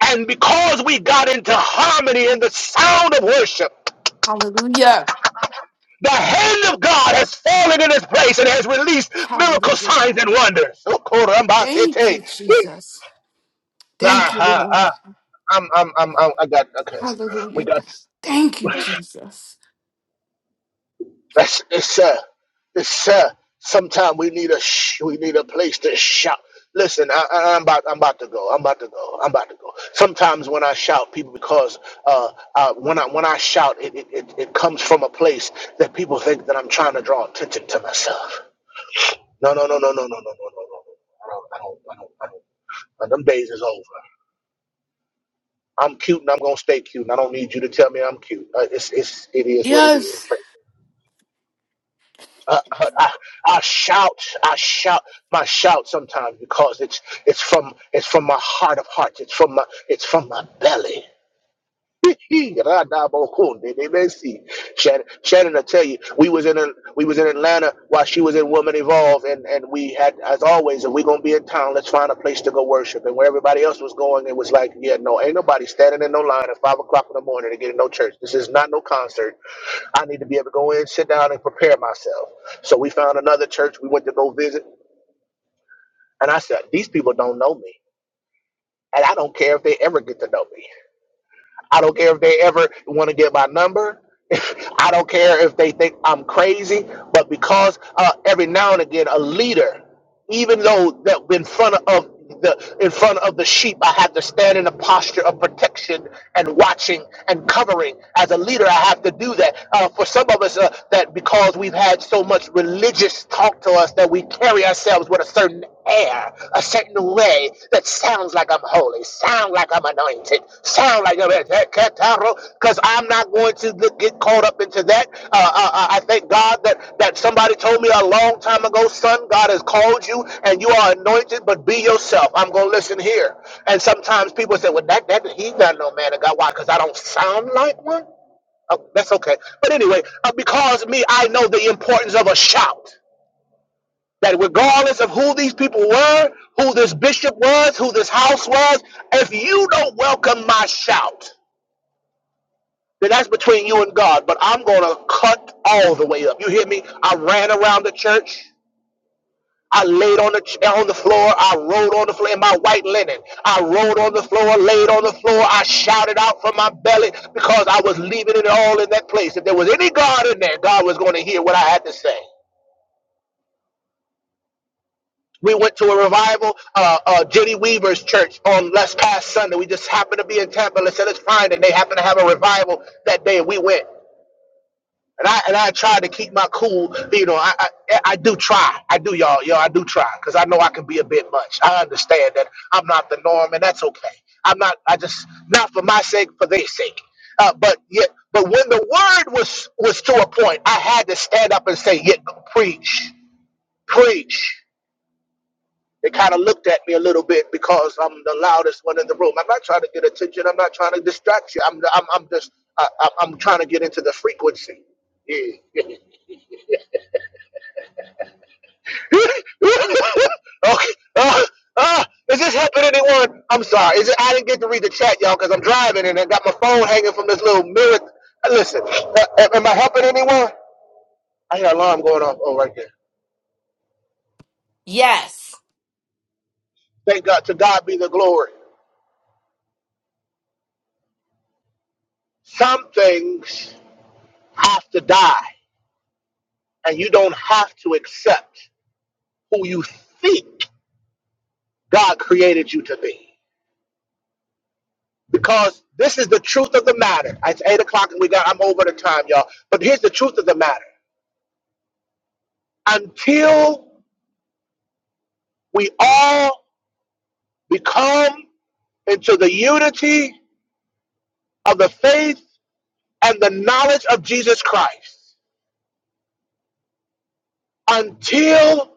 And because we got into harmony in the sound of worship, Hallelujah. the hand of God has fallen in this place and has released miracle Hallelujah, signs and God. wonders. Thank you, Okorambasete. Jesus. Thank Ah, you, ah, Lord. ah. I'm, I'm, I'm, I'm, I got, okay. We Hallelujah, got. God. Thank you, Jesus. That's it's uh it's uh sometimes we need a sh- we need a place to shout. Listen, I, I, I'm about I'm about to go. I'm about to go. I'm about to go. Sometimes when I shout, people because uh, uh when I when I shout, it, it it it comes from a place that people think that I'm trying to draw attention to myself. No no no no no no no no no no. no, no, no, I don't I don't I don't. I don't. And them days is over. I'm cute and I'm gonna stay cute. And I don't need you to tell me I'm cute. Uh, it's it's it is what it is. Yes. Uh, but I, I shout, I shout, my shout sometimes because it's it's from it's from my heart of hearts. It's from my it's from my belly. Shannon, Shannon, I tell you, we was in a, we was in Atlanta while she was in Woman Evolve, and and we had as always, if we gonna be in town, let's find a place to go worship. And where everybody else was going, it was like, yeah, no, ain't nobody standing in no line at five o'clock in the morning to get in no church. This is not no concert. I need to be able to go in, sit down, and prepare myself. So we found another church we went to go visit, and I said, These people don't know me, and I don't care if they ever get to know me. I don't care if they ever want to get my number. I don't care if they think I'm crazy. But because uh, every now and again, a leader, even though that in front of the in front of the sheep, I have to stand in a posture of protection and watching and covering. As a leader, I have to do that. Uh, for some of us, uh, that because we've had so much religious talk to us that we carry ourselves with a certain air a certain way that sounds like I'm holy, sound like I'm anointed, sound like I'm because I'm not going to get caught up into that. Uh, uh, uh, I thank God that, that somebody told me a long time ago, son, God has called you and you are anointed, but be yourself. I'm going to listen here. And sometimes people say, well, that, that he's not no man of God. Why? Because I don't sound like one? Oh, that's okay. But anyway, uh, because me, I know the importance of a shout that regardless of who these people were, who this bishop was, who this house was, if you don't welcome my shout, then that's between you and God. But I'm going to cut all the way up. You hear me? I ran around the church. I laid on the ch- on the floor. I rolled on the floor in my white linen. I rolled on the floor, laid on the floor. I shouted out from my belly because I was leaving it all in that place. If there was any God in there, God was going to hear what I had to say. We went to a revival, uh, uh, Jenny Weaver's church on last past Sunday. We just happened to be in Tampa. Let's say it's Friday. They happened to have a revival that day, and we went. And I and I tried to keep my cool. but, You know, I I, I do try. I do, y'all. Y'all, I do try because I know I can be a bit much. I understand that I'm not the norm, and that's okay. I'm not. I just not for my sake, for their sake. Uh, but yet, but when the word was was to a point, I had to stand up and say, "Yet, preach, preach." They kind of looked at me a little bit because I'm the loudest one in the room. I'm not trying to get attention. I'm not trying to distract you. I'm I'm, I'm just I, I'm I'm trying to get into the frequency. Yeah. okay. Uh, uh, is this helping anyone? I'm sorry. Is it? I didn't get to read the chat, y'all, because I'm driving and I got my phone hanging from this little mirror. Uh, Listen, uh, uh, uh, I hear an alarm going off. Oh, right there. Yes. Thank God. To God be the glory. Some things have to die, and you don't have to accept. who you think God created you to be. Because this is the truth of the matter. It's eight o'clock and we got I'm over the time, y'all. But here's the truth of the matter. Until we all become into the unity of the faith and the knowledge of Jesus Christ, until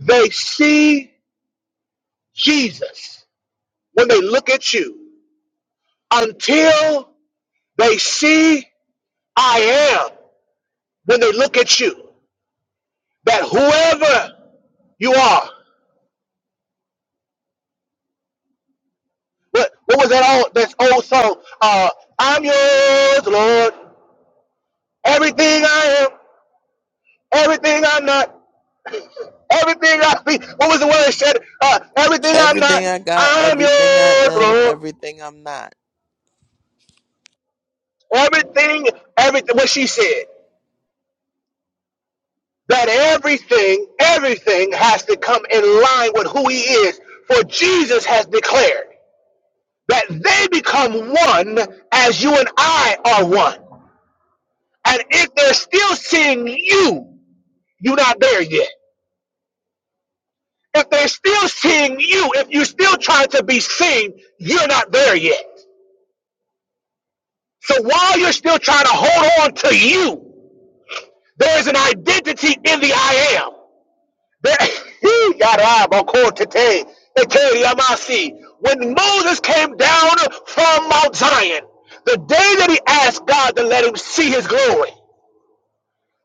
they see Jesus when they look at you, until they see I am when they look at you, that whoever You are. What what was that old that old song? Uh I'm yours, Lord. Everything I am, everything I'm not, everything I be. What was the word it said? Uh, everything I'm Everything not, I got, I'm everything I yours, am, Lord. everything I'm not. Everything, everything what she said. That everything, everything has to come in line with who he is. For Jesus has declared that they become one as you and I are one. And if they're still seeing you You're not there yet. If they're still seeing you, if you're still trying to be seen, you're not there yet. So while you're still trying to hold on to you, there is an identity in the I am. There, He got a boko tete, ete yamasi. when Moses came down from Mount Zion, the day that he asked God to let him see his glory,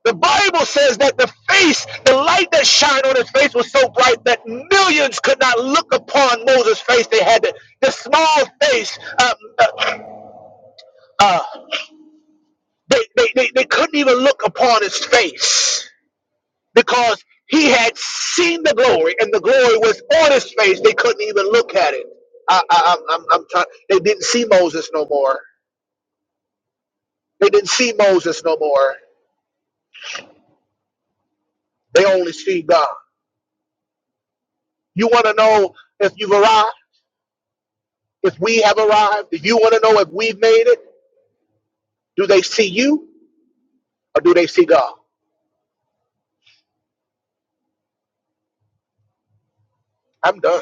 The Bible says that the face, the light that shined on his face was so bright that millions could not look upon Moses' face. They had to, the small face, um, uh, uh, they, they, they, they couldn't even look upon his face because he had seen the glory and the glory was on his face. They couldn't even look at it. I, I, I'm, I'm trying, they didn't see Moses no more. They didn't see Moses no more. They only see God. You want to know if you've arrived? If we have arrived, if you want to know if we've made it? Do they see you or do they see God? I'm done.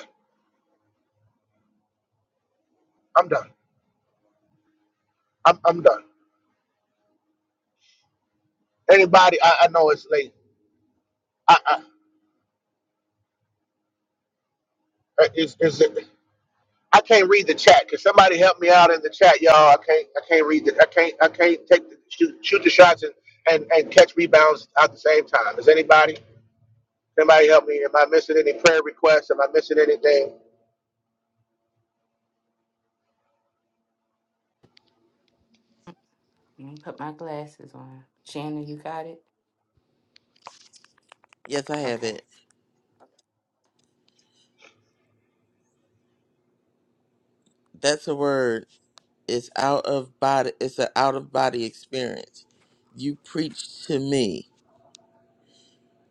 I'm done. I'm, I'm done. Anybody, I, I know it's late. I, I, uh, is, is it, I can't read the chat. Can somebody help me out in the chat, y'all? I can't, I can't read it. I can't, I can't take the, shoot, shoot the shots and, and, and catch rebounds at the same time. Is anybody, anybody help me? Am I missing any prayer requests? Am I missing anything? Let me put my glasses on. Shannon, you got it? Yes, I have Okay. it. That's a word. It's out of body. It's an out of body experience. You preach to me.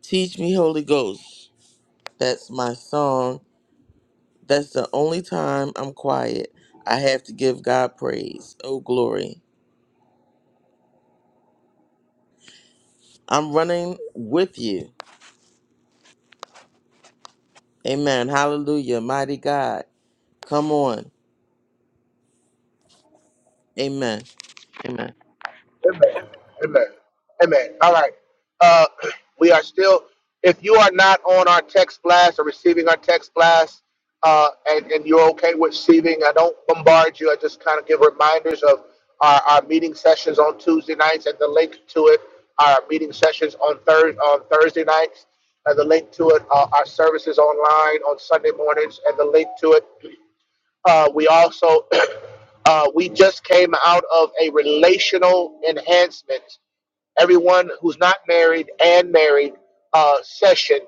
Teach me, Holy Ghost. That's my song. That's the only time I'm quiet. I have to give God praise. Oh, glory. I'm running with you. Amen. Hallelujah. Mighty God. Come on. Amen. Amen. Amen. Amen. Amen. All right. Uh, we are still, if you are not on our text blast or receiving our text blast, uh, and, and you're okay with receiving, I don't bombard you. I just kind of give reminders of our, our meeting sessions on Tuesday nights and the link to it, our meeting sessions on, third on Thursday nights, and the link to it, uh, our services online on Sunday mornings, and the link to it uh, we also uh, we just came out of a relational enhancement. Everyone who's not married and married uh, session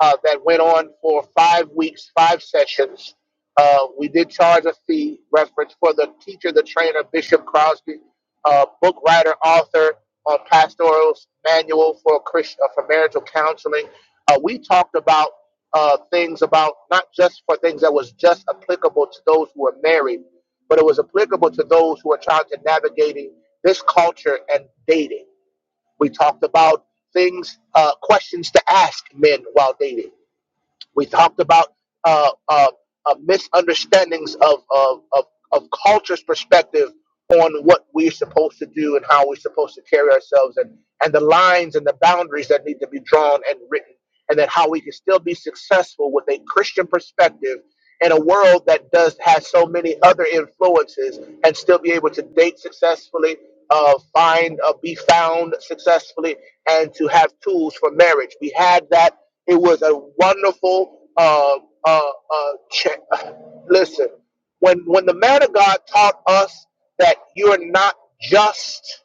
uh, that went on for five weeks, five sessions. Uh, we did charge a fee reference for the teacher, the trainer, Bishop Crosby, uh, book writer, author on Pastoral's Manual for Christ- uh, for Marital Counseling. Uh, we talked about uh, things about not just for things that was just applicable to those who were married, but it was applicable to those who are trying to navigating this culture and dating. We talked about things, uh, questions to ask men while dating we talked about uh, uh, uh, misunderstandings of, of, of, of culture's perspective on what we're supposed to do and how we're supposed to carry ourselves and, and the lines and the boundaries that need to be drawn and written, and then how we can still be successful with a Christian perspective in a world that does has so many other influences and still be able to date successfully uh, find uh, be found successfully and to have tools for marriage we had that it was a wonderful uh, uh, uh, check. listen when when the man of god taught us that you're not just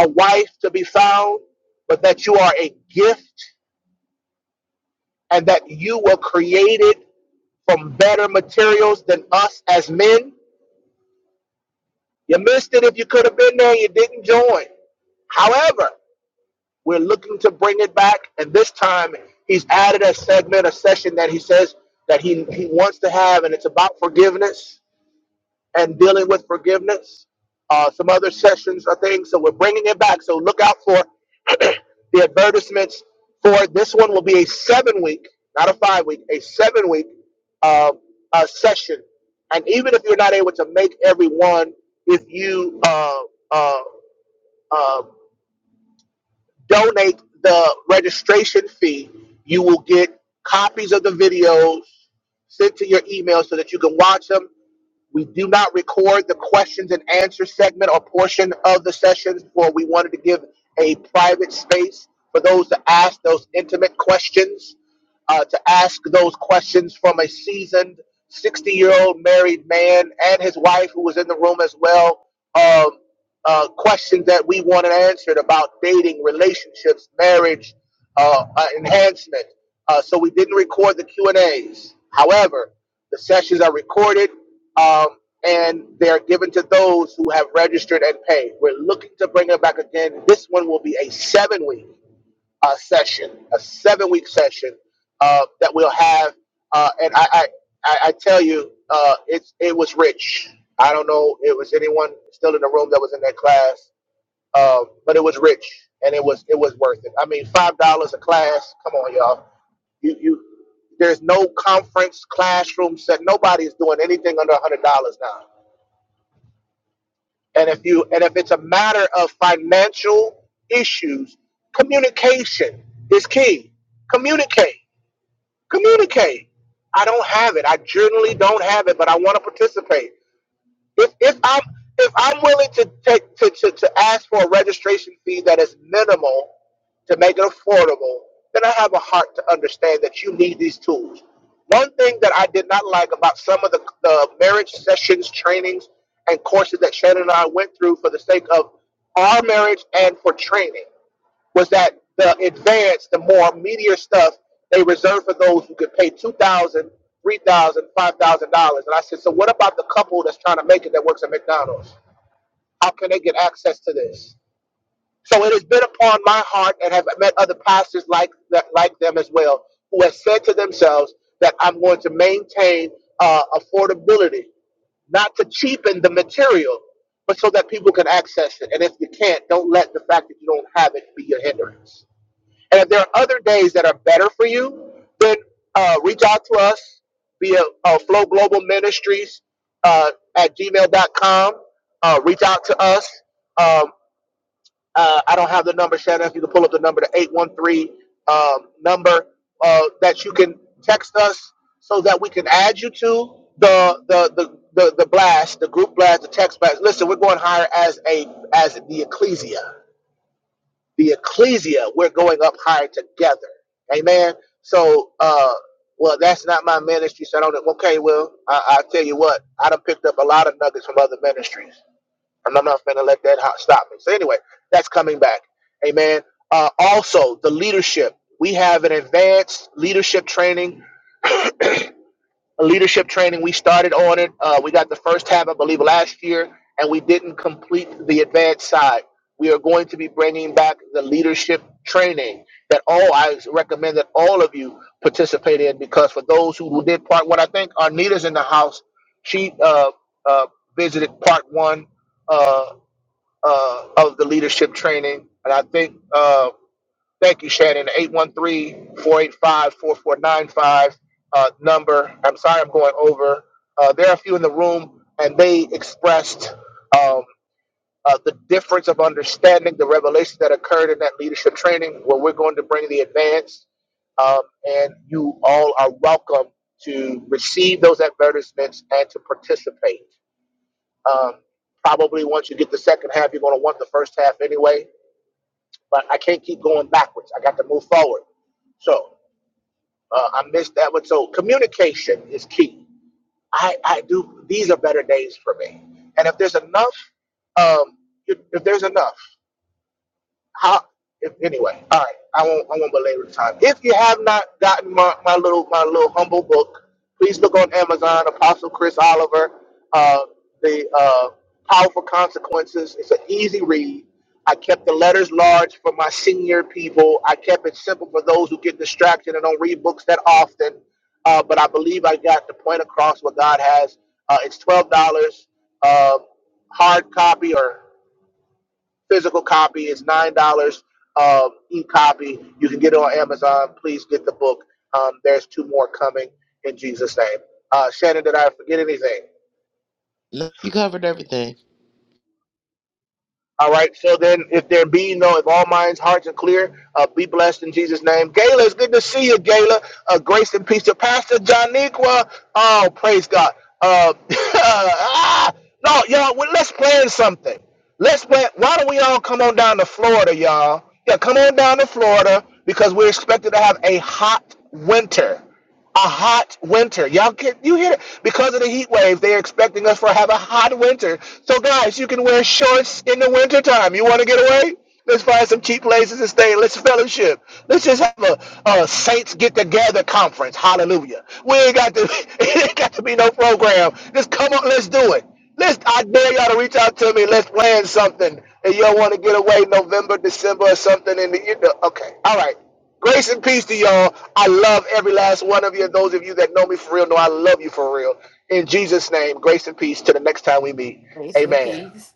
a wife to be found but that you are a gift and that you were created from better materials than us as men. You missed it if you could have been there, you didn't join. However, we're looking to bring it back, and this time he's added a segment, a session that he says that he, he wants to have, and it's about forgiveness and dealing with forgiveness. Uh, some other sessions or things. So we're bringing it back. So look out for the advertisements for this one. Will be a seven week, not a five week, a seven week uh, uh, session. And even if you're not able to make every one, if you uh, uh, uh, donate the registration fee, you will get copies of the videos sent to your email so that you can watch them. We do not record the questions and answer segment or portion of the sessions, for we wanted to give a private space for those to ask those intimate questions, uh, to ask those questions from a seasoned 60 year old married man and his wife who was in the room as well. Um, uh, questions that we wanted answered about dating, relationships, marriage, uh, uh, enhancement. Uh, so we didn't record the Q and A's. However, the sessions are recorded um, and they are given to those who have registered and paid. We're looking to bring it back again. This one will be a seven week uh, session, a seven week session uh, that we'll have. Uh, and I, I, I I tell you, uh, it's it was rich. I don't know if it was anyone still in the room that was in that class, um, but it was rich and it was it was worth it. I mean, five dollars a class. Come on, y'all. You you. There's no conference classroom set. Nobody is doing anything under a hundred dollars now. And if you and if it's a matter of financial issues, communication is key. Communicate. Communicate. I don't have it. I generally don't have it, but I want to participate if if I'm if I'm willing to take to, to, to ask for a registration fee that is minimal to make it affordable, then I have a heart to understand that you need these tools. One thing that I did not like about some of the, the marriage sessions, trainings, and courses that Shannon and I went through for the sake of our marriage and for training was that the advance, the more meatier stuff, they reserved for those who could pay two thousand, dollars, three thousand, dollars, five thousand dollars. And I said, so what about the couple that's trying to make it that works at McDonald's? How can they get access to this? So it has been upon my heart, and have met other pastors like that, like them as well, who have said to themselves that I'm going to maintain uh, affordability, not to cheapen the material, but so that people can access it. And if you can't, don't let the fact that you don't have it be your hindrance. And if there are other days that are better for you, then uh, reach out to us via uh, Flow Global Ministries uh, at gmail.com. Uh, reach out to us. Um, uh, I don't have the number, Shannon. If you can pull up the number, the 813 um, number uh, that you can text us so that we can add you to the the, the the the blast, the group blast, the text blast. Listen, we're going higher as a as the ecclesia the ecclesia, we're going up higher together. Amen. So, uh, well, that's not my ministry. So I don't. Okay, well, I, I tell you what, I done picked up a lot of nuggets from other ministries, and I'm not gonna let that stop me. So anyway, that's coming back. Amen. Uh, also, the leadership. We have an advanced leadership training a leadership training. We started on it. Uh, we got the first half, I believe, last year, and we didn't complete the advanced side. We are going to be bringing back the leadership training that all I recommend that all of you participate in because for those who did part one, I think Arnita's in the house. She uh, uh, visited part one uh, uh, of the leadership training, and I think. Uh, Thank you, Shannon. Eight one three four eight five four four nine five uh, number. I'm sorry I'm going over. Uh, there are a few in the room, and they expressed um, uh, the difference of understanding the revelations that occurred in that leadership training where we're going to bring the advanced, um, and you all are welcome to receive those advertisements and to participate. Um, probably once you get the second half, you're going to want the first half anyway but I can't keep going backwards. I got to move forward. So uh, I missed that one. So communication is key. I, I do. These are better days for me. And if there's enough, um, if if there's enough how if, anyway all right i won't i won't belabor the time if you have not gotten my, my little my little humble book please look on amazon apostle chris oliver uh the uh powerful consequences it's an easy read i kept the letters large for my senior people i kept it simple for those who get distracted and don't read books that often uh, but i believe i got the point across what god has uh, it's $12 uh, hard copy or physical copy. It's nine dollars um, e-copy. You can get it on Amazon. Please get the book. Um, there's two more coming in Jesus' name. Uh, Shannon, did I forget anything? Look, You covered everything. All right. So then, if there be no, if all minds, hearts are clear, uh, be blessed in Jesus' name. Gayla, it's good to see you, Gayla. Uh, grace and peace to Pastor Johniqua. Oh, praise God. Uh, ah, no, y'all, well, let's plan something. Let's plan. Why don't we all come on down to Florida, y'all? Yeah, come on down to Florida because we're expected to have a hot winter a hot winter. Y'all can you hear it? Because of the heat wave, they're expecting us for have a hot winter. So guys, you can wear shorts in the winter time. You want to get away? Let's find some cheap places to stay. Let's fellowship. Let's just have a, a saints get together conference. Hallelujah. We ain't got to it ain't got to be no program. Just come on, let's do it. Let's I dare y'all to reach out to me. Let's plan something. And y'all want to get away November, December or something in the, you know, okay. All right. Grace and peace to y'all. I love every last one of you. And those of you that know me for real know I love you for real. In Jesus' name, grace and peace. Till the next time we meet. Grace and Amen. peace.